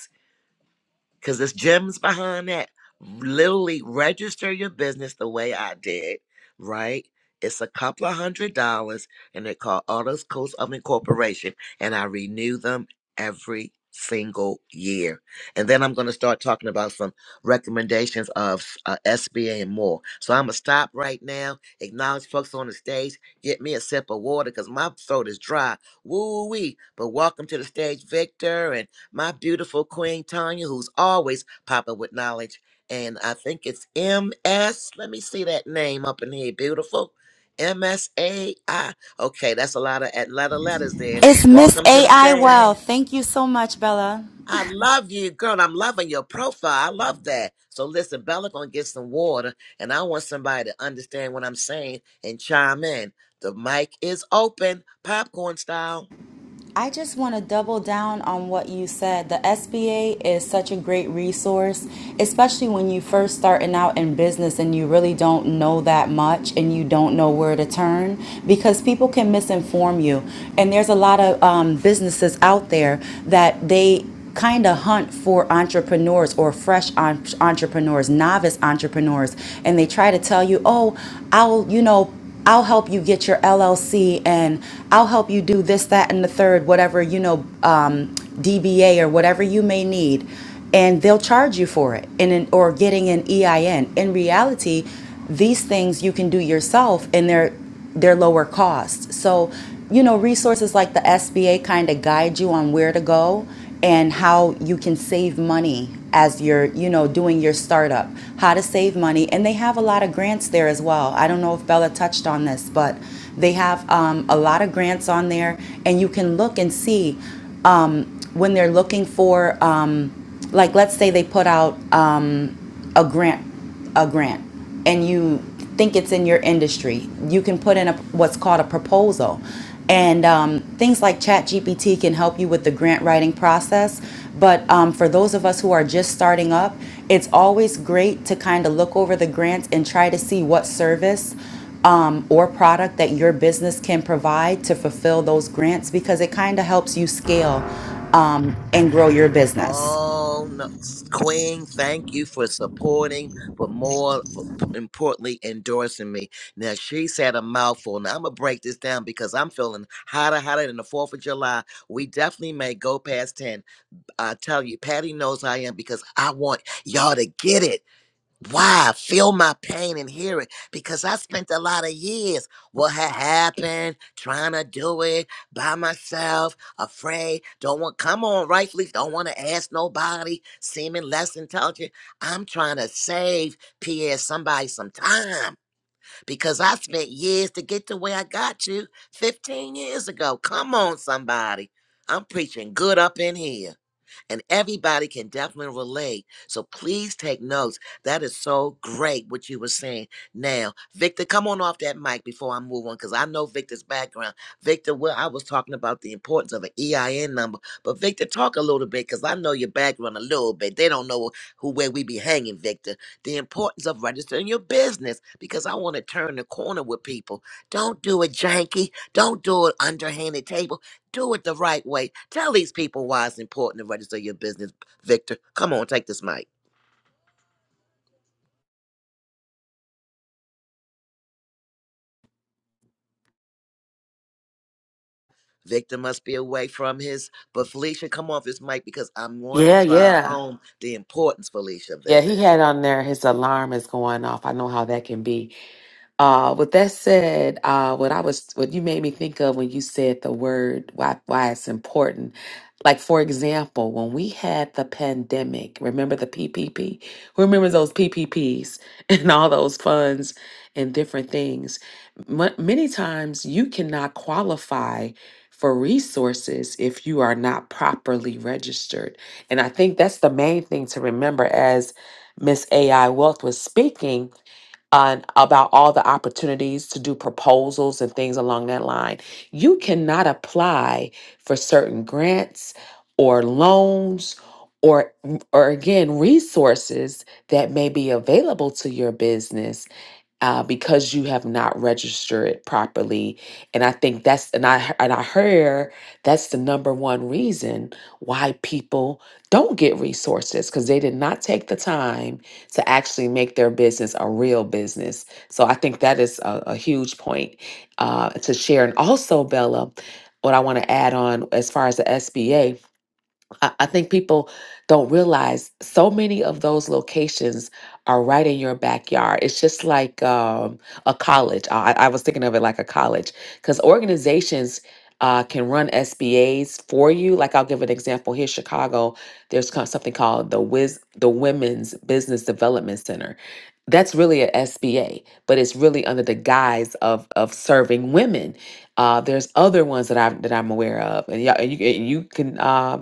[SPEAKER 1] because there's gems behind that. Literally register your business the way I did, right? It's a couple of hundred dollars, and they're called Autos Coast of Incorporation, and I renew them every single year. And then I'm going to start talking about some recommendations of uh, SBA and more. So I'm going to stop right now, acknowledge folks on the stage, get me a sip of water because my throat is dry. Woo wee. But welcome to the stage, Victor, and my beautiful Queen Tanya, who's always popping with knowledge. And I think it's MS. Let me see that name up in here. Beautiful. MSAI. Okay, that's a lot of Atlanta letters there.
[SPEAKER 10] It's Miss
[SPEAKER 1] Welcome to the
[SPEAKER 10] AI
[SPEAKER 1] stage.
[SPEAKER 10] Well. Thank you so much, Bella.
[SPEAKER 1] I love you, girl. and I'm loving your profile. I love that. So listen, Bella gonna get some water, and I want somebody to understand what I'm saying and chime in. The mic is open, popcorn style.
[SPEAKER 10] I just want to double down on what you said. The SBA is such a great resource, especially when you first starting out in business and you really don't know that much and you don't know where to turn because people can misinform you. And there's a lot of um, businesses out there that they kind of hunt for entrepreneurs or fresh entrepreneurs, novice entrepreneurs, and they try to tell you, "Oh, I'll, you know, I'll help you get your LLC and I'll help you do this, that, and the third, whatever, you know, um, DBA or whatever you may need. And they'll charge you for it and in, or getting an EIN. In reality, these things you can do yourself and they're they're lower cost. So, you know, resources like the SBA kind of guide you on where to go and how you can save money as you're, you know, doing your startup, how to save money. And they have a lot of grants there as well. I don't know if Bella touched on this, but they have um, a lot of grants on there, and you can look and see um, when they're looking for, um, like, let's say they put out a grant a grant and you think it's in your industry you can put in a what's called a proposal and um, things like ChatGPT can help you with the grant writing process. But um, for those of us who are just starting up, it's always great to kind of look over the grants and try to see what service um, or product that your business can provide to fulfill those grants because it kind of helps you scale um, and grow your business.
[SPEAKER 1] Oh no, Queen! Thank you for supporting, but more f- p- importantly, endorsing me. Now she said a mouthful. Now I'm gonna break this down because I'm feeling hotter, hotter than the Fourth of July. We definitely may go past ten. I tell you, Patty knows I am because I want y'all to get it. Why? Feel my pain and hear it. Because I spent a lot of years, what had happened, trying to do it by myself, afraid, don't want, come on, rightfully, don't want to ask nobody, seeming less intelligent. I'm trying to save Pierre somebody some time because I spent years to get to where I got you 15 years ago. Come on, somebody. I'm preaching good up in here and everybody can definitely relate. So please take notes. That is so great what you were saying. Now, Victor, come on off that mic before I move on because I know Victor's background. Victor, well, I was talking about the importance of an EIN number, but Victor, talk a little bit because I know your background a little bit. They don't know who where we be hanging, Victor. The importance of registering your business because I want to turn the corner with people. Don't do it janky. Don't do it underhanded table do it the right way. Tell these people why it's important to register your business, Victor. Come on, take this mic. Victor must be away from his, but Felicia, come off this mic because I'm going to
[SPEAKER 5] Yeah,
[SPEAKER 1] drive
[SPEAKER 5] yeah.
[SPEAKER 1] home the importance, Felicia, of
[SPEAKER 5] Yeah,
[SPEAKER 1] this.
[SPEAKER 5] he had on there his alarm is going off. I know how that can be. Uh, with that said, uh, what I was, what you made me think of when you said the word, why, why it's important. Like, for example, when we had the pandemic, remember the PPP? Who remembers those PPPs and all those funds and different things? M- many times you cannot qualify for resources if you are not properly registered. And I think that's the main thing to remember as Miss AI Wealth was speaking and about all the opportunities to do proposals and things along that line. You cannot apply for certain grants or loans or or again resources that may be available to your business uh, because you have not registered it properly. And I think that's and I and I heard that's the number one reason why people don't get resources because they did not take the time to actually make their business a real business. So I think that is a, a huge point uh, to share. And also, Bella, what I want to add on as far as the SBA. I, I think people don't realize so many of those locations are right in your backyard. It's just like um, a college. I, I was thinking of it like a college because organizations uh, can run SBAs for you. Like I'll give an example here, Chicago. There's co- something called the Wiz, the Women's Business Development Center. That's really a SBA, but it's really under the guise of of serving women. Uh, there's other ones that I that I'm aware of, and, y'all, and you and you can. Um,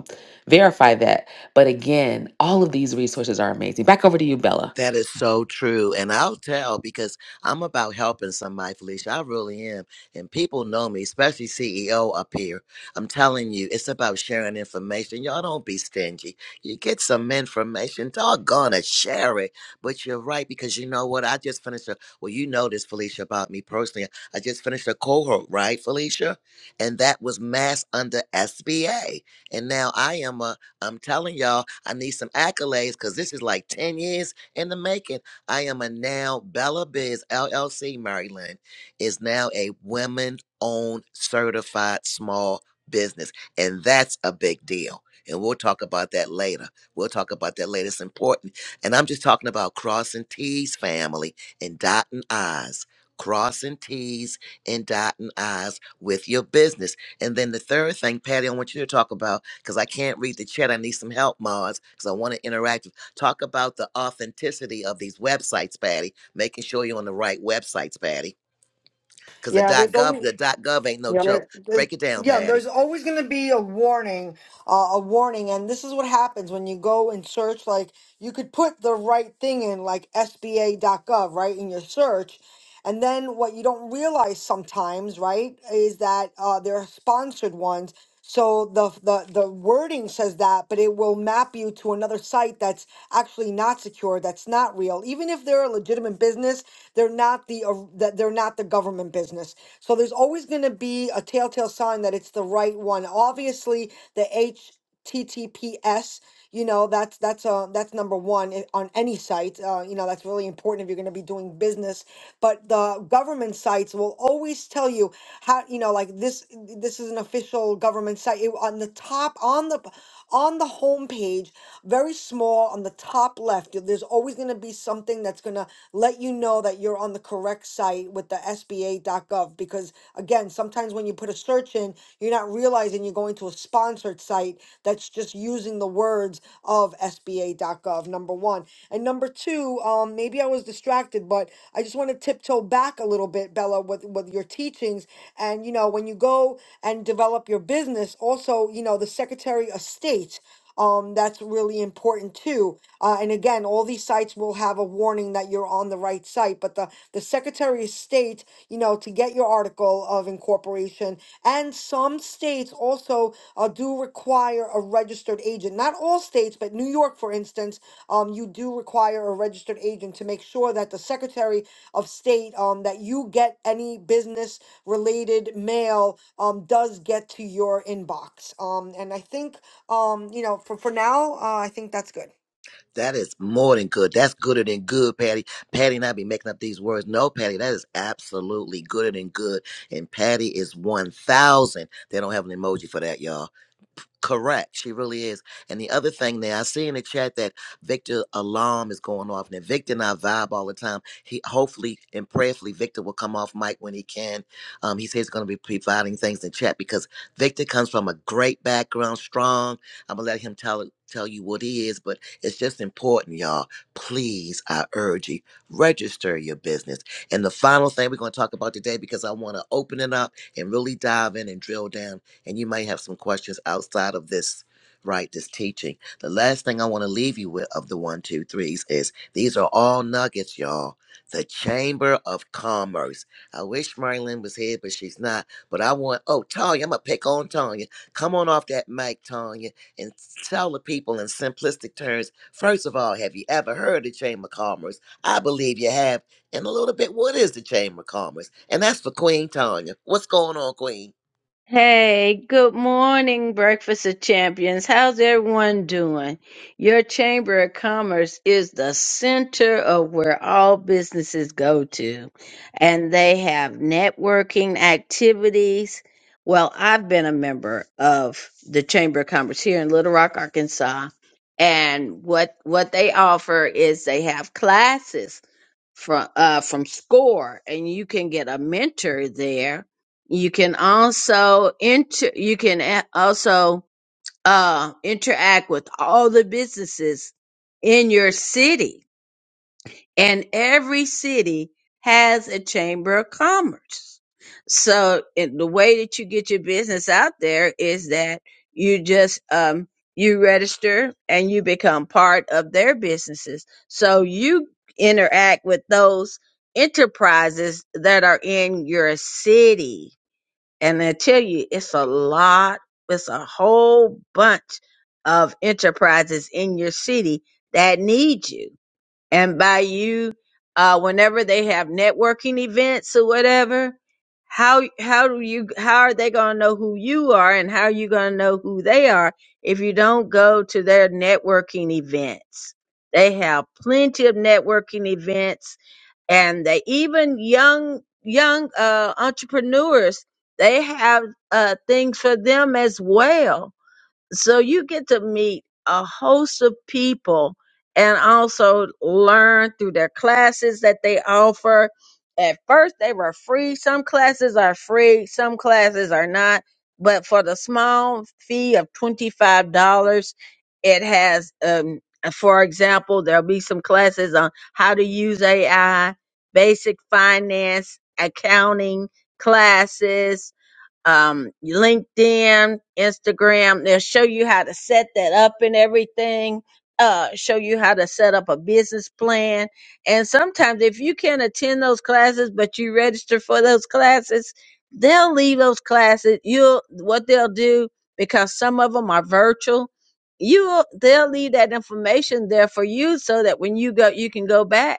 [SPEAKER 5] verify that. But again, all of these resources are amazing. Back over to you, Bella.
[SPEAKER 1] That is so true. And I'll tell because I'm about helping somebody, Felicia. I really am. And people know me, especially CEO up here. I'm telling you, it's about sharing information. Y'all don't be stingy. You get some information, doggone it, share it. But you're right, because you know what? I just finished a, well, you know this, Felicia, about me personally. I just finished a cohort, right, Felicia? And that was mass under SBA. And now I am a, I'm telling y'all, I need some accolades because this is like 10 years in the making. I am a now Bella Biz LLC, Maryland, is now a women owned certified small business. And that's a big deal. And we'll talk about that later. We'll talk about that later. It's important. And I'm just talking about crossing T's family and dotting I's. Crossing T's and dotting I's with your business. And then the third thing, Patty, I want you to talk about because I can't read the chat. I need some help, Mars, because I want to interact Talk about the authenticity of these websites, Patty. Making sure you're on the right websites, Patty. Because the
[SPEAKER 3] Yeah, there's
[SPEAKER 1] .gov,
[SPEAKER 3] always
[SPEAKER 1] the .gov ain't no
[SPEAKER 3] Yeah.
[SPEAKER 1] joke.
[SPEAKER 3] There, there-
[SPEAKER 1] Break it down,
[SPEAKER 3] yeah, there's
[SPEAKER 1] Patty.
[SPEAKER 3] always going to be a warning, uh, a warning, and this is what happens when you go and search. Like, you could put the right thing in, like SBA.gov, right, in your search. And then what you don't realize sometimes, right, is that uh, there are sponsored ones so the, the the wording says that, but it will map you to another site that's actually not secure, that's not real. Even if they're a legitimate business, they're not the uh, that they're not the government business. So there's always going to be a telltale sign that it's the right one. Obviously, the H. TTPS. You know, that's that's uh that's number one i- on any site. Uh, you know, that's really important if you're going to be doing business. But the government sites will always tell you how. You know, like this this is an official government site. It, on the top, on the on the homepage, very small on the top left, there's always going to be something that's going to let you know that you're on the correct site with the SBA.gov. Because again, sometimes when you put a search in, you're not realizing you're going to a sponsored site that's just using the words of SBA.gov, number one. And number two, um, maybe I was distracted, but I just want to tiptoe back a little bit, Bella, with, with your teachings. And, you know, when know, when you go and develop your business, also, you know, the Secretary of State, um, that's really important too. Uh, and again, all these sites will have a warning that you're on the right site, but the, the Secretary of State, you know, to get your article of incorporation, and some states also uh, do require a registered agent. Not all states, but New York, for instance, um, you do require a registered agent to make sure that the Secretary of state um, that you get any business related mail um, does get to your inbox. Um, and I think, um, you know, for, for now, uh, I think that's good.
[SPEAKER 1] That is more than good. That's gooder than good, Patty. Patty and I be making up these words. No, Patty, that is absolutely gooder than good. And Patty is 1,000. They don't have an emoji for that, y'all. Correct. She really is. And the other thing there, I see in the chat that Victor alarm is going off. And Victor and I vibe all the time. He hopefully and prayerfully Victor will come off mic when he can. Um, he says he's gonna be providing things in chat because Victor comes from a great background, strong. I'm gonna let him tell it tell you what he is, but it's just important, y'all. Please, I urge you, register your business. And the final thing we're gonna talk about today, because I wanna open it up and really dive in and drill down and you might have some questions outside of this, right? This teaching. The last thing I want to leave you with of the one, two, threes is these are all nuggets, y'all. The Chamber of Commerce. I wish Marilyn was here, but she's not. But I want, oh, Tanya, I'm going to pick on Tanya. Come on off that mic, Tanya, and tell the people in simplistic terms. First of all, have you ever heard of Chamber of Commerce? I believe you have and a little bit what is the Chamber of Commerce? And that's for Queen Tanya. What's going on, Queen?
[SPEAKER 11] Hey, good morning, Breakfast of Champions. How's everyone doing? Your Chamber of Commerce is the center of where all businesses go to, and they have networking activities. Well, I've been a member of the Chamber of Commerce here in Little Rock, Arkansas, and what what they offer is they have classes from uh from SCORE, and you can get a mentor there you can also inter you can a- also uh interact with all the businesses in your city and every city has a chamber of commerce. So it, the way that you get your business out there is that you just um you register and you become part of their businesses. So you interact with those enterprises that are in your city and I tell you, it's a lot, it's a whole bunch of enterprises in your city that need you. And by you, uh, whenever they have networking events or whatever, how how do you how are they gonna know who you are and how are you gonna know who they are if you don't go to their networking events? They have plenty of networking events and they even young young uh, entrepreneurs they have uh, things for them as well so you get to meet a host of people and also learn through their classes that they offer. At first, they were free. Some classes are free, some classes are not. But for the small fee of $25, it has, um, for example, there'll be some classes on how to use AI, basic finance, accounting classes, um, LinkedIn, Instagram. They'll show you how to set that up and everything. Uh, show you how to set up a business plan. And sometimes, if you can't attend those classes, but you register for those classes, they'll leave those classes. You'll what they'll do because some of them are virtual. You they'll leave that information there for you so that when you go, you can go back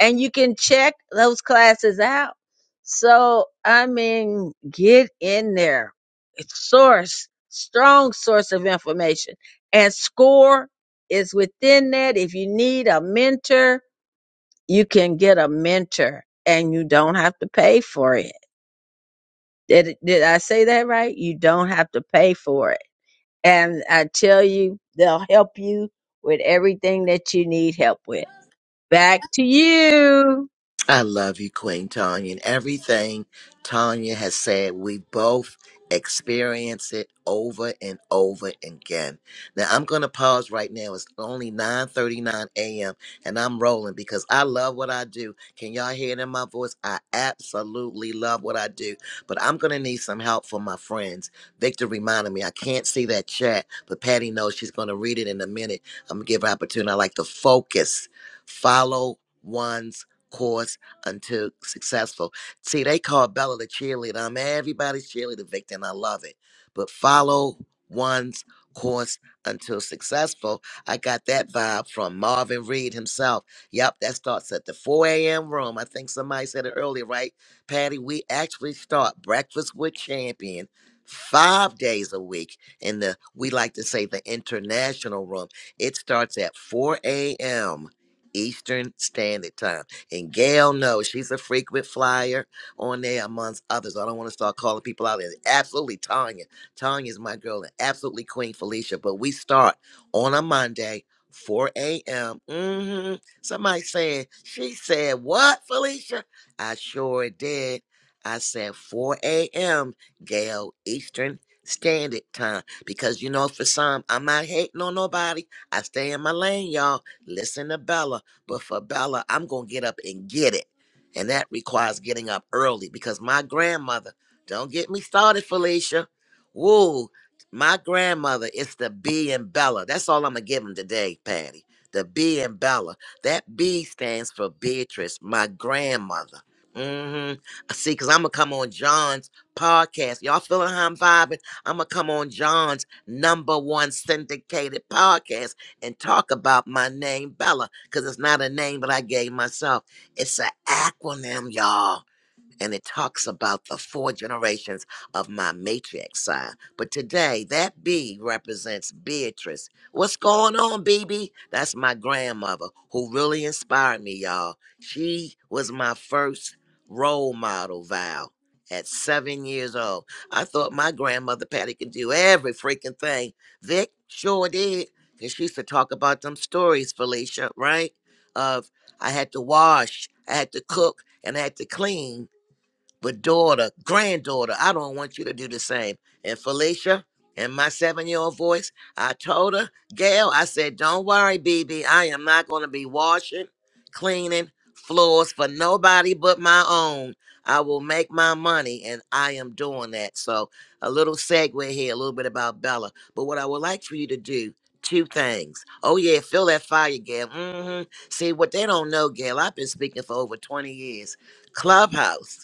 [SPEAKER 11] and you can check those classes out. So, I mean, get in there. It's source, strong source of information. And SCORE is within that. If you need a mentor, you can get a mentor and you don't have to pay for it. Did, did I say that right? You don't have to pay for it. And I tell you, they'll help you with everything that you need help with. Back to you.
[SPEAKER 1] I love you, Queen Tanya. And everything Tanya has said, we both experience it over and over again. Now I'm gonna pause right now. It's only 9:39 a.m. and I'm rolling because I love what I do. Can y'all hear it in my voice? I absolutely love what I do. But I'm gonna need some help from my friends. Victor reminded me I can't see that chat, but Patty knows she's gonna read it in a minute. I'm gonna give her opportunity. I like to focus, follow one's course until successful. See, they call Bella the cheerleader. I'm everybody's cheerleader, Victor, and I love it. But follow one's course until successful. I got that vibe from Marvin Reed himself. Yep, that starts at the 4 a.m. room. I think somebody said it earlier, right? Patty, we actually start Breakfast with Champion five days a week in the, we like to say, the international room. It starts at 4 a.m. Eastern Standard Time. And Gail knows she's a frequent flyer on there amongst others. I don't want to start calling people out. And absolutely Tanya. Tanya's my girl and absolutely Queen Felicia. But we start on a Monday, 4 a.m. hmm Somebody saying, she said, what, Felicia? I sure did. I said 4 a.m. Gail Eastern Standard Time. Because you know, for some, I'm not hating on nobody. I stay in my lane, y'all. Listen to Bella. But for Bella, I'm going to get up and get it. And that requires getting up early because my grandmother, don't get me started, Felicia. Woo, my grandmother is the B in Bella. That's all I'm going to give him today, Patty. The B in Bella. That B stands for Beatrice, my grandmother. Mm-hmm. I see, because I'm going to come on John's podcast. Y'all feeling how I'm vibing? I'm going to come on John's number one syndicated podcast and talk about my name, Bella, because it's not a name that I gave myself. It's an acronym, y'all and it talks about the four generations of my matriarch side. But today, that B represents Beatrice. What's going on, BB? That's my grandmother who really inspired me, y'all. She was my first role model, Val. At seven years old, I thought my grandmother Patty could do every freaking thing. Vic sure did. Cause she used to talk about them stories, Felicia, right? Of I had to wash, I had to cook, and I had to clean but daughter, granddaughter, I don't want you to do the same. And Felicia, in my seven-year-old voice, I told her, Gail, I said, don't worry, BB. I am not going to be washing, cleaning floors for nobody but my own. I will make my money, and I am doing that. So a little segue here, a little bit about Bella. But what I would like for you to do, two things. Oh, yeah, feel that fire, Gail. hmm See, what they don't know, Gail, I've been speaking for over 20 years. Clubhouse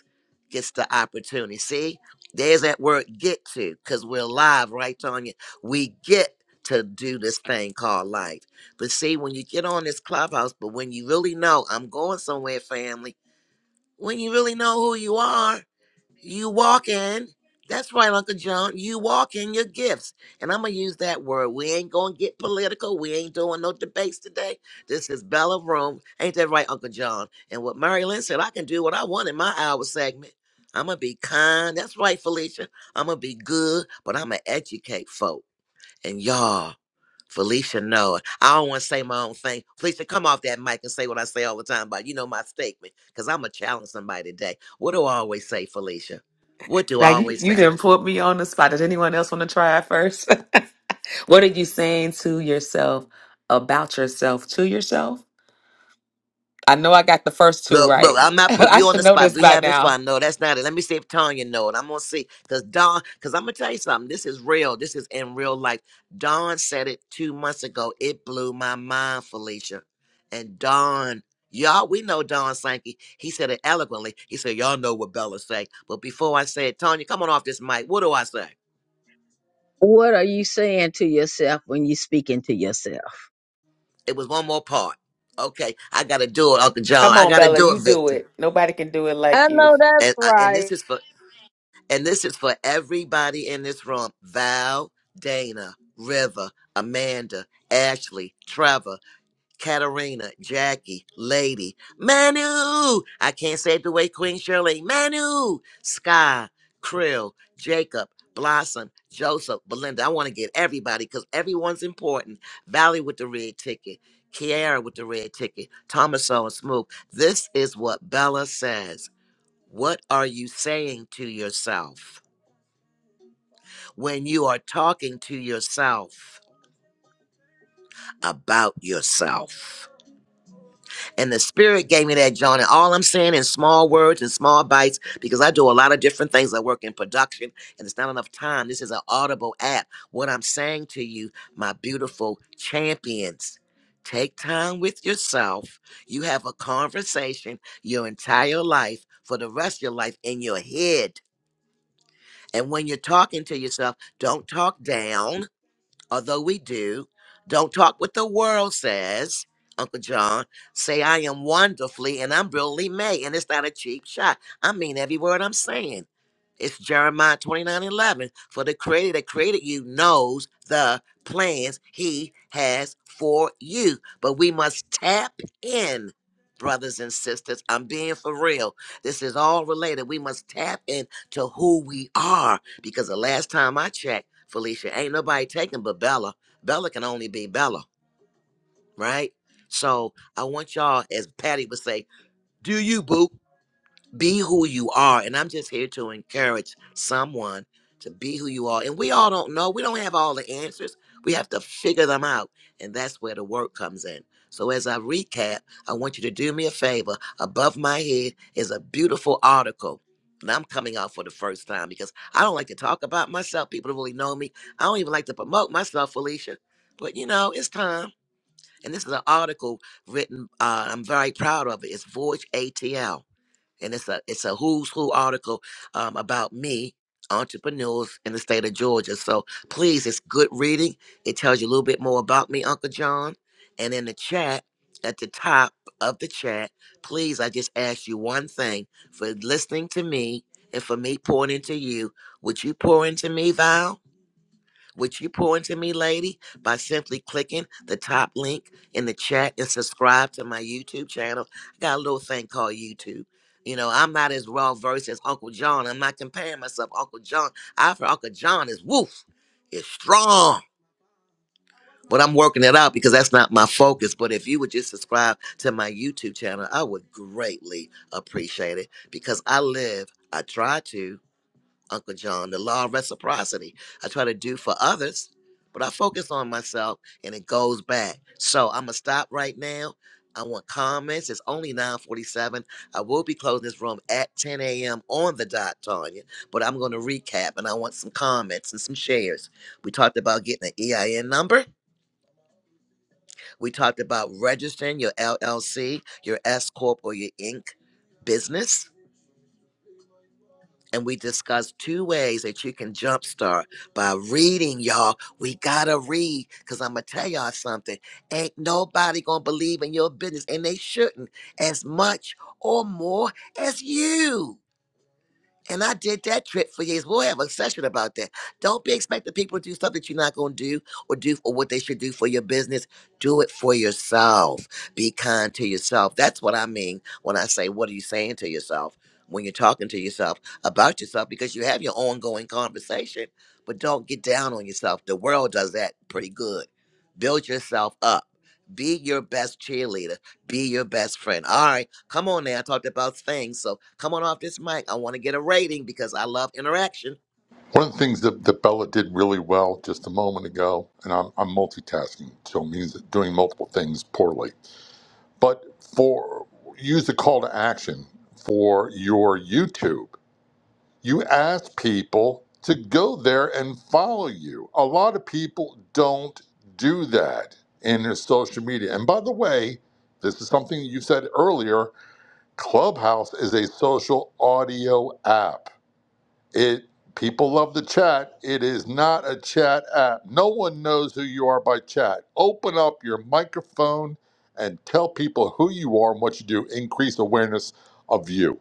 [SPEAKER 1] gets the opportunity. See, there's that word get to, because we're alive, right, Tanya? We get to do this thing called life. But see, when you get on this clubhouse, but when you really know, I'm going somewhere, family, when you really know who you are, you walk in. That's right, Uncle John. You walk in your gifts. And I'm going to use that word. We ain't going to get political. We ain't doing no debates today. This is Bella Room. Ain't that right, Uncle John? And what Mary Lynn said, I can do what I want in my hour segment. I'm going to be kind. That's right, Felicia. I'm going to be good, but I'm going to educate folk. And y'all, Felicia, no. I don't want to say my own thing. Felicia, come off that mic and say what I say all the time about you know my statement, because I'm going to challenge somebody today. What do I always say, Felicia? What do
[SPEAKER 5] Now
[SPEAKER 1] I
[SPEAKER 5] you,
[SPEAKER 1] always
[SPEAKER 5] you
[SPEAKER 1] say?
[SPEAKER 5] didn't put me on the spot. Did anyone else want to try it first? what are you saying to yourself about yourself to yourself? I know I got the first two
[SPEAKER 1] Look, look,
[SPEAKER 5] right.
[SPEAKER 1] I'm not putting
[SPEAKER 5] I
[SPEAKER 1] you on the
[SPEAKER 5] should know
[SPEAKER 1] spot.
[SPEAKER 5] this
[SPEAKER 1] We
[SPEAKER 5] by
[SPEAKER 1] having
[SPEAKER 5] now.
[SPEAKER 1] fun. No, that's not it. Let me see if Tanya know it. I'm gonna see. Cause Don, cause I'm gonna tell you something. This is real. This is in real life. Don said it two months ago. It blew my mind, Felicia. And Don, y'all, we know Don Sankey. He said it eloquently. He said, Y'all know what Bella say. But before I say it, Tanya, come on off this mic. What do I say?
[SPEAKER 11] What are you saying to yourself when you're speaking to yourself?
[SPEAKER 1] It was one more part. Okay, I gotta do it, Uncle John.
[SPEAKER 5] Come
[SPEAKER 1] I
[SPEAKER 5] on,
[SPEAKER 1] gotta
[SPEAKER 5] Bella,
[SPEAKER 1] do
[SPEAKER 5] you
[SPEAKER 1] it,
[SPEAKER 5] do
[SPEAKER 1] Victor.
[SPEAKER 5] it. Nobody can do it like
[SPEAKER 11] I
[SPEAKER 5] you.
[SPEAKER 11] know that's
[SPEAKER 1] And, uh, and this
[SPEAKER 11] right.
[SPEAKER 1] is for And this is for everybody in this room Val, Dana, River, Amanda, Ashley, Trevor, Katarina, Jackie, Lady, Manu. I can't say it the way Queen Shirley. Manu, Sky, Krill, Jacob, Blossom, Joseph, Belinda. I want to get everybody because everyone's important. Valley with the red ticket. Kiara with the red ticket, Thomaso and Smooth. This is what Bella says. What are you saying to yourself? when you are talking to yourself about yourself. And the spirit gave me that, John. And all I'm saying in small words and small bites, because I do a lot of different things. I work in production and it's not enough time. This is an audible app. What I'm saying to you, my beautiful champions, take time with yourself. You have a conversation your entire life for the rest of your life in your head. And when you're talking to yourself, don't talk down although we do. Don't talk what the world says, Uncle John. Say I am wonderfully and I'm brilliantly made, and it's not a cheap shot. I mean every word I'm saying. It's Jeremiah 29 11. For the creator that created you knows the plans he has for you. But we must tap in, brothers and sisters. I'm being for real. This is all related. We must tap in to who we are. Because the last time I checked, Felicia, ain't nobody taking but Bella. Bella can only be Bella, right? So I want y'all, as Patty would say, do you, boo? be who you are. And I'm just here to encourage someone to be who you are. And we all don't know. We don't have all the answers. We have to figure them out. And that's where the work comes in. So as I recap, I want you to do me a favor. Above my head is a beautiful article. And I'm coming out for the first time because I don't like to talk about myself. People don't really know me. I don't even like to promote myself, Felicia. But you know, it's time. And this is an article written, uh, I'm very proud of it. It's Voyage ATL and it's a it's a who's who article um, about me entrepreneurs in the state of georgia so please it's good reading it tells you a little bit more about me uncle john and in the chat at the top of the chat please i just ask you one thing for listening to me and for me pouring into you would you pour into me val which you pour into me, lady, by simply clicking the top link in the chat and subscribe to my YouTube channel. I got a little thing called YouTube. You know, I'm not as raw versed as Uncle John. I'm not comparing myself to Uncle John. I for Uncle John is woof, is strong. But I'm working it out because that's not my focus. But if you would just subscribe to my YouTube channel, I would greatly appreciate it because I live, I try to. Uncle John, the law of reciprocity. I try to do for others, but I focus on myself and it goes back. So I'm gonna stop right now. I want comments. It's only 947. I will be closing this room at 10 a.m. on the dot, Tanya, but I'm gonna recap and I want some comments and some shares. We talked about getting an EIN number. We talked about registering your LLC, your S Corp or your Inc. business. and we discussed two ways that you can jumpstart by reading, y'all. We gotta read, cause I'm gonna tell y'all something. Ain't nobody gonna believe in your business, and they shouldn't as much or more as you. And I did that trick for years. We'll have a session about that. Don't be expecting people to do stuff that you're not going to do or do or what they should do for your business. Do it for yourself. Be kind to yourself. That's what I mean when I say, what are you saying to yourself when you're talking to yourself about yourself? Because you have your ongoing conversation, but don't get down on yourself. The world does that pretty good. Build yourself up. Be your best cheerleader. Be your best friend. All right, come on now. I talked about things, so come on off this mic. I want to get a rating because I love interaction.
[SPEAKER 6] One of the things that, that Bella did really well just a moment ago, and I'm, I'm multitasking, so it means doing multiple things poorly. But for use the call to action for your YouTube. you ask people to go there and follow you. A lot of people don't do that in their social media. And by the way, this is something you said earlier, Clubhouse is a social audio app. It people love the chat. It is not a chat app. No one knows who you are by chat. Open up your microphone and tell people who you are and what you do. Increase awareness of you.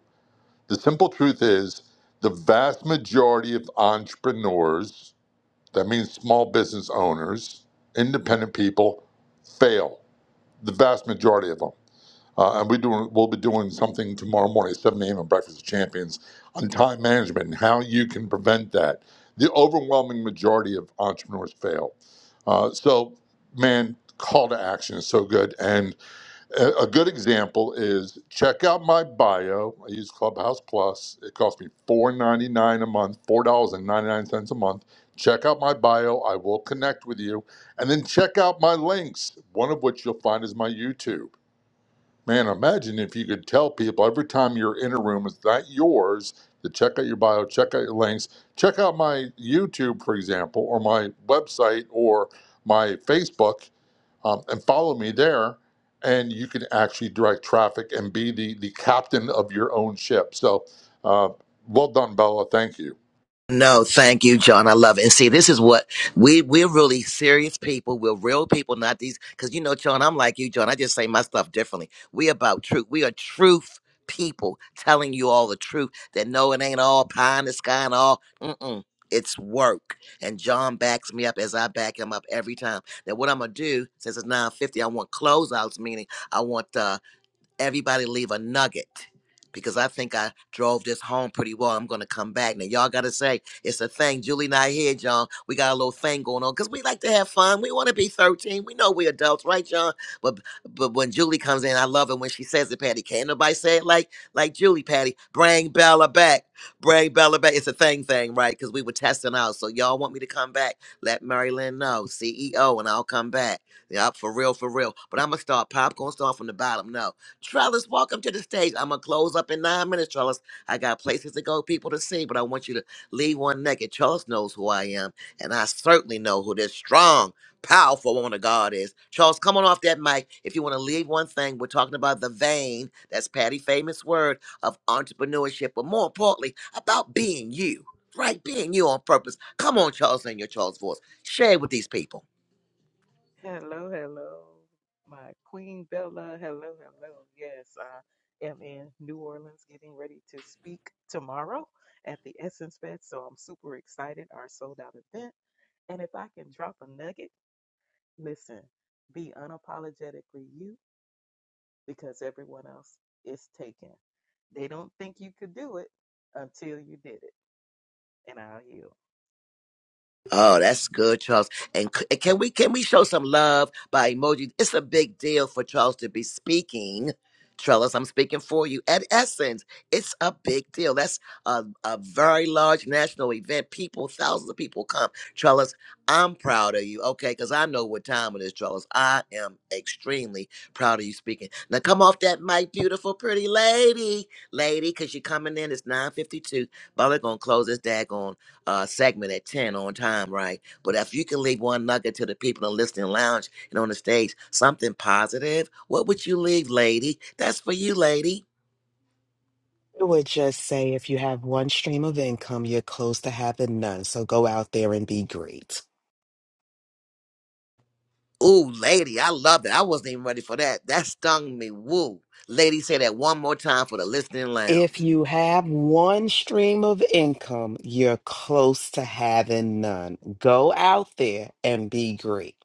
[SPEAKER 6] The simple truth is the vast majority of entrepreneurs, that means small business owners, independent people, fail. The vast majority of them. Uh, and we do, we'll be doing something tomorrow morning at 7 a.m. on Breakfast with Champions on time management and how you can prevent that. The overwhelming majority of entrepreneurs fail. Uh, so, man, call to action is so good. And a a good example is check out my bio. I use Clubhouse Plus. It costs me four ninety nine a month, four dollars and ninety nine cents a month. Check out my bio. I will connect with you, and then check out my links. One of which you'll find is my YouTube. Man, imagine if you could tell people every time you're in a room, it's not yours. To check out your bio, check out your links, check out my YouTube, for example, or my website, or my Facebook um, and follow me there and you can actually direct traffic and be the, the captain of your own ship so uh, well done bella thank you
[SPEAKER 1] No, thank you, John. I love it. And see, this is what we we're really serious people. We're real people, not these. Because you know, John, I'm like you, John. I just say my stuff differently. We about truth. We are truth people, telling you all the truth. That no, it ain't all pie in the sky and all. Mm-mm. It's work. And John backs me up as I back him up every time. Now, what I'm gonna do since it's 9:50, I want closeouts. Meaning, I want. uh, everybody leave a nugget because I think I drove this home pretty well. I'm gonna come back now. Y'all gotta say it's a thing. Julie not here, John. We got a little thing going on because we like to have fun. We want to be 13. We know we adults, right, John? But but when Julie comes in, I love it when she says it, Patty. Can't nobody say it like like Julie, Patty. Bring Bella back. Bring Bella back. It's a thing thing, right? Because we were testing out. So y'all want me to come back? Let Mary Lynn know, CEO, and I'll come back. Yep, for real, for real. But I'm gonna start. Pop gonna start from the bottom. No. Trellis, welcome to the stage. I'm going to close up in nine minutes, Trellis. I got places to go, people to see, but I want you to leave one naked. Trellis knows who I am, and I certainly know who this strong, powerful woman of God is. Charles, come on off that mic. If you want to leave one thing, we're talking about the vein. That's Patty' famous word of entrepreneurship, but more importantly, about being you, right? Being you on purpose. Come on, Charles, in your Charles voice. Share with these people.
[SPEAKER 12] Hello, hello, my Queen Bella. Hello, hello. Yes, I am in New Orleans getting ready to speak tomorrow at the Essence Fest. So I'm super excited. Our sold out event. And if I can drop a nugget, listen, be unapologetically you because everyone else is taken. They don't think you could do it until you did it. And I'll yield.
[SPEAKER 1] Oh, that's good, Charles. And c- and can we can we show some love by emoji? It's a big deal for Charles to be speaking. Trellis, I'm speaking for you. At Essence, it's a big deal. That's a, a very large national event. People, thousands of people come. Trellis, I'm proud of you, okay? Because I know what time it is, Trellis. I am extremely proud of you speaking. Now come off that mic, beautiful, pretty lady. Lady, because you're coming in. It's 9.52. But we're going to close this daggone uh, segment at 10 on time, right? But if you can leave one nugget to the people in the listening lounge and on the stage, something positive, what would you leave, lady? That's for you, lady.
[SPEAKER 13] I would just say if you have one stream of income, you're close to having none. So go out there and be great.
[SPEAKER 1] Ooh, lady, I love it. I wasn't even ready for that. That stung me. Woo. Lady, say that one more time for the listening lounge.
[SPEAKER 13] If you have one stream of income, you're close to having none. Go out there and be great.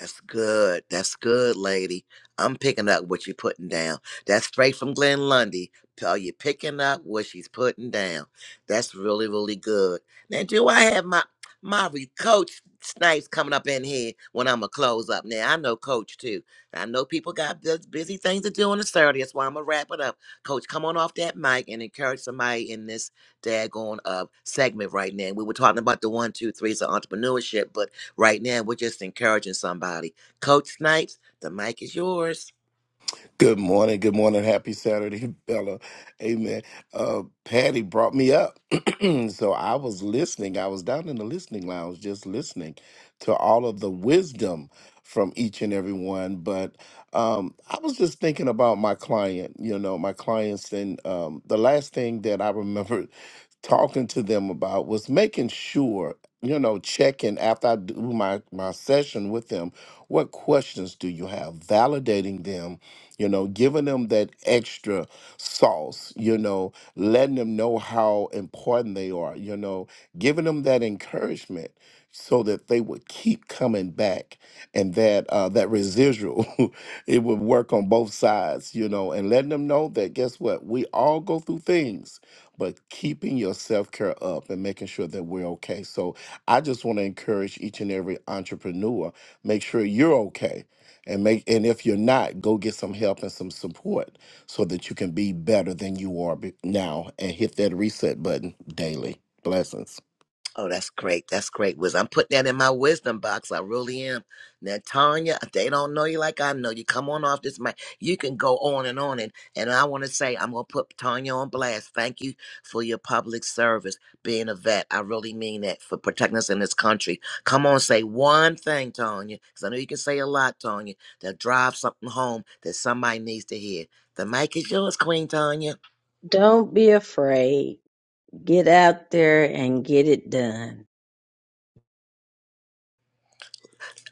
[SPEAKER 1] That's good. That's good, lady. I'm picking up what you're putting down. That's straight from Glenn Lundy. Are you picking up what she's putting down? That's really, really good. Now, do I have my my re- coach Snipes coming up in here when I'm gonna close up? Now I know Coach too. I know people got bus- busy things to do on a Saturday. That's why I'm gonna wrap it up. Coach, come on off that mic and encourage somebody in this daggone uh segment right now. We were talking about the one, two, threes of entrepreneurship, but Right now, we're just encouraging somebody. Coach Snipes, the mic is yours.
[SPEAKER 14] Good morning. Good morning. Happy Saturday, Bella. Amen. Uh, Patty brought me up. so I was listening. I was down in the listening lounge just listening to all of the wisdom from each and every one. But um, I was just thinking about my client, you know, my clients. And um, the last thing that I remembered talking to them about was making sure, you know, checking after I do my, my session with them what questions do you have, validating them you know, giving them that extra sauce, you know, letting them know how important they are, you know, giving them that encouragement so that they would keep coming back and that uh, that residual it would work on both sides you know and letting them know that guess what we all go through things but keeping your self-care up and making sure that we're okay so i just want to encourage each and every entrepreneur make sure you're okay and make and if you're not go get some help and some support so that you can be better than you are be- now and hit that reset button daily blessings
[SPEAKER 1] Oh, that's great. That's great wisdom. I'm putting that in my wisdom box. I really am. Now, Tanya, if they don't know you like I know you. Come on off this mic. You can go on and on. And, and I want to say, I'm going to put Tanya on blast. Thank you for your public service, being a vet. I really mean that for protecting us in this country. Come on, say one thing, Tanya, because I know you can say a lot, Tanya, that drive something home that somebody needs to hear. The mic is yours, Queen Tanya.
[SPEAKER 11] Don't be afraid. Get out there and get it done.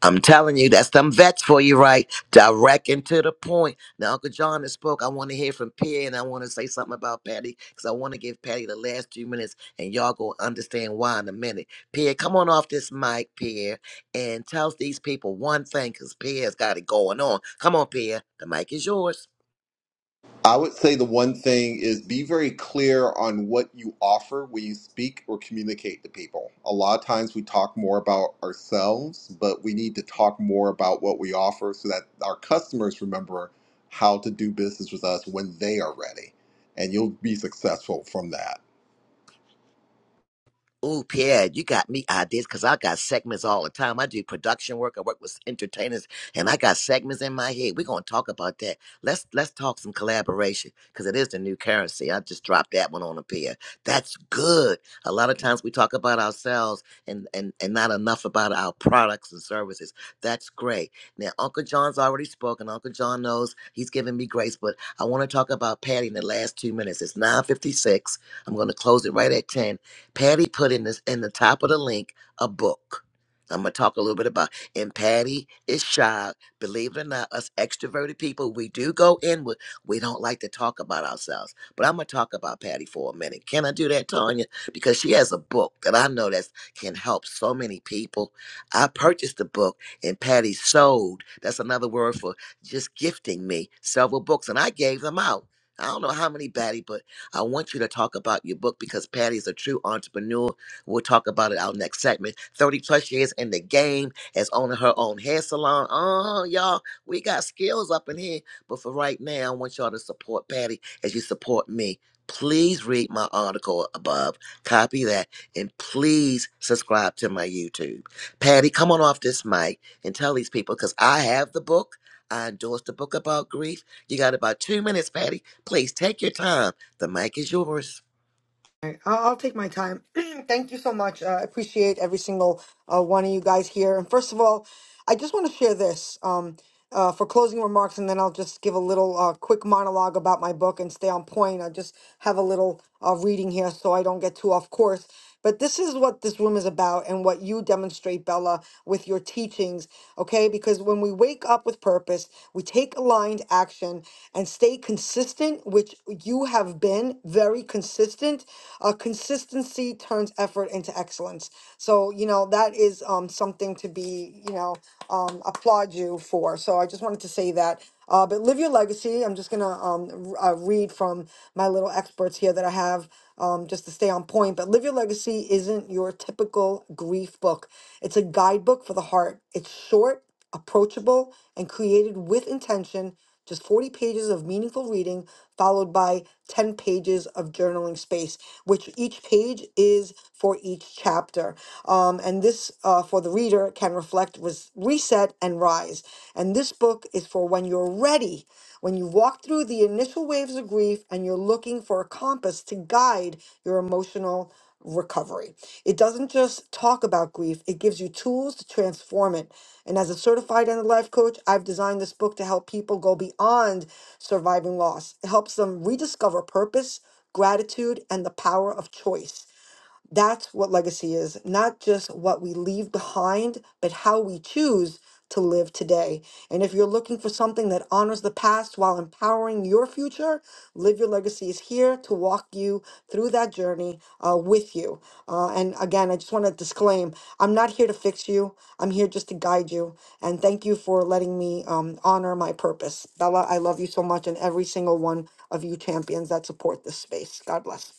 [SPEAKER 1] I'm telling you, that's them vets for you, right? Direct and to the point. Now, Uncle John has spoke. I want to hear from Pierre, and I want to say something about Patty because I want to give Patty the last few minutes, and y'all gonna understand why in a minute. Pierre, come on off this mic, Pierre, and tell these people one thing because Pierre's got it going on. Come on, Pierre. The mic is yours.
[SPEAKER 8] I would say the one thing is be very clear on what you offer when you speak or communicate to people. A lot of times we talk more about ourselves, but we need to talk more about what we offer so that our customers remember how to do business with us when they are ready. And you'll be successful from that.
[SPEAKER 1] Ooh, Pierre, you got me ideas because I got segments all the time. I do production work. I work with entertainers, and I got segments in my head. We're gonna talk about that. Let's let's talk some collaboration because it is the new currency. I just dropped that one on a Pierre. That's good. A lot of times we talk about ourselves and and and not enough about our products and services. That's great. Now, Uncle John's already spoken. Uncle John knows he's giving me grace, but I want to talk about Patty in the last two minutes. It's nine fifty six. I'm gonna close it right at ten Patty put in this in the top of the link a book. I'm gonna talk a little bit about. And Patty is shy. Believe it or not, us extroverted people, we do go inward. We don't like to talk about ourselves. But I'm gonna talk about Patty for a minute. Can I do that, Tanya? Because she has a book that I know that can help so many people. I purchased the book, and Patty sold. That's another word for just gifting me several books, and I gave them out. I don't know how many, Patty, but I want you to talk about your book because Patty is a true entrepreneur. We'll talk about it our next segment. 30 plus years in the game as owning her own hair salon. Oh, y'all, we got skills up in here. But for right now, I want y'all to support Patty as you support me. Please read my article above, copy that, and please subscribe to my YouTube. Patty, come on off this mic and tell these people because I have the book. I endorsed the book about grief. You got about two minutes, Patty. Please take your time the mic is yours.
[SPEAKER 3] Alright, I'll, I'll take my time. Thank you so much. Uh, I appreciate every single uh, one of you guys here. And first of all, I just want to share this um, uh, for closing remarks, and then I'll just give a little uh, quick monologue about my book and stay on point. I just have a little uh, reading here so I don't get too off course. But this is what this room is about and what you demonstrate, Bella, with your teachings, okay? Because when we wake up with purpose, we take aligned action and stay consistent, which you have been very consistent. Uh, consistency turns effort into excellence. So, you know, that is um, something to be, you know, um, applaud you for. So I just wanted to say that. Uh, but live your legacy. I'm just gonna um, r- uh, read from my little experts here that I have um, just to stay on point. But Live Your Legacy isn't your typical grief book, it's a guidebook for the heart. It's short, approachable, and created with intention. Just 40 pages of meaningful reading, followed by 10 pages of journaling space, which each page is for each chapter. Um, and this, uh, for the reader, can reflect, res- reset, and rise. And this book is for when you're ready, when you walk through the initial waves of grief and you're looking for a compass to guide your emotional recovery. It doesn't just talk about grief, it gives you tools to transform it. And as a certified end of life coach, I've designed this book to help people go beyond surviving loss. It helps them rediscover purpose, gratitude, and the power of choice. That's what legacy is, not just what we leave behind, but how we choose to live today. And if you're looking for something that honors the past while empowering your future, Live Your Legacy is here to walk you through that journey uh, with you. Uh, and again, I just want to disclaim I'm not here to fix you, I'm here just to guide you. And thank you for letting me um, honor my purpose. Bella, I love you so much, and every single one of you champions that support this space. God bless.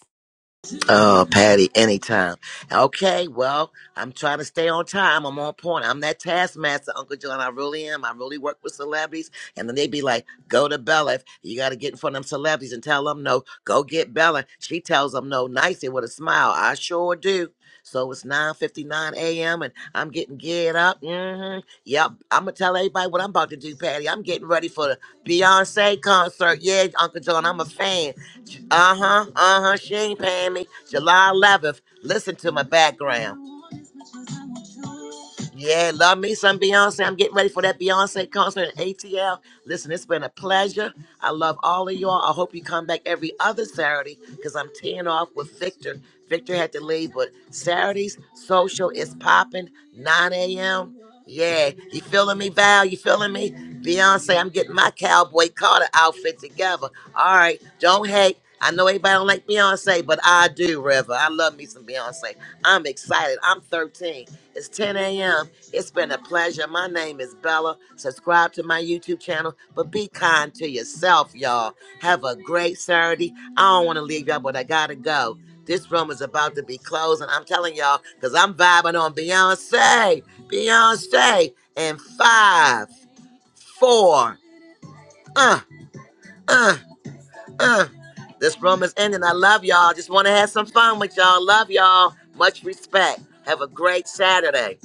[SPEAKER 1] Oh, Patty, anytime. Okay, well, I'm trying to stay on time. I'm on point. I'm that taskmaster, Uncle John. I really am. I really work with celebrities. And then they be like, go to Bella. You got to get in front of them celebrities and tell them no. Go get Bella. She tells them no nicely with a smile. I sure do. So it's 9.59 a.m. and I'm getting geared up. hmm Yep, I'm going to tell everybody what I'm about to do, Patty. I'm getting ready for the Beyonce concert. Yeah, Uncle John, I'm a fan. Uh huh, uh huh. She ain't paying me. July 11th. Listen to my background. Yeah, love me some Beyonce. I'm getting ready for that Beyonce concert in ATL. Listen, it's been a pleasure. I love all of y'all. I hope you come back every other Saturday because I'm teeing off with Victor. Victor had to leave, but Saturdays social is popping 9 a.m. Yeah, you feeling me, Val? You feeling me? Beyonce, I'm getting my cowboy Carter outfit together. All right, don't hate. I know everybody don't like Beyonce, but I do, River. I love me some Beyonce. I'm excited. I'm 13. It's 10 a.m. It's been a pleasure. My name is Bella. Subscribe to my YouTube channel, but be kind to yourself, y'all. Have a great Saturday. I don't want to leave y'all, but I gotta go. This room is about to be closing. I'm telling y'all, because I'm vibing on Beyonce. Beyonce. And five, four, uh, uh. Uh, this room is ending. I love y'all. Just want to have some fun with y'all. Love y'all. Much respect. Have a great Saturday.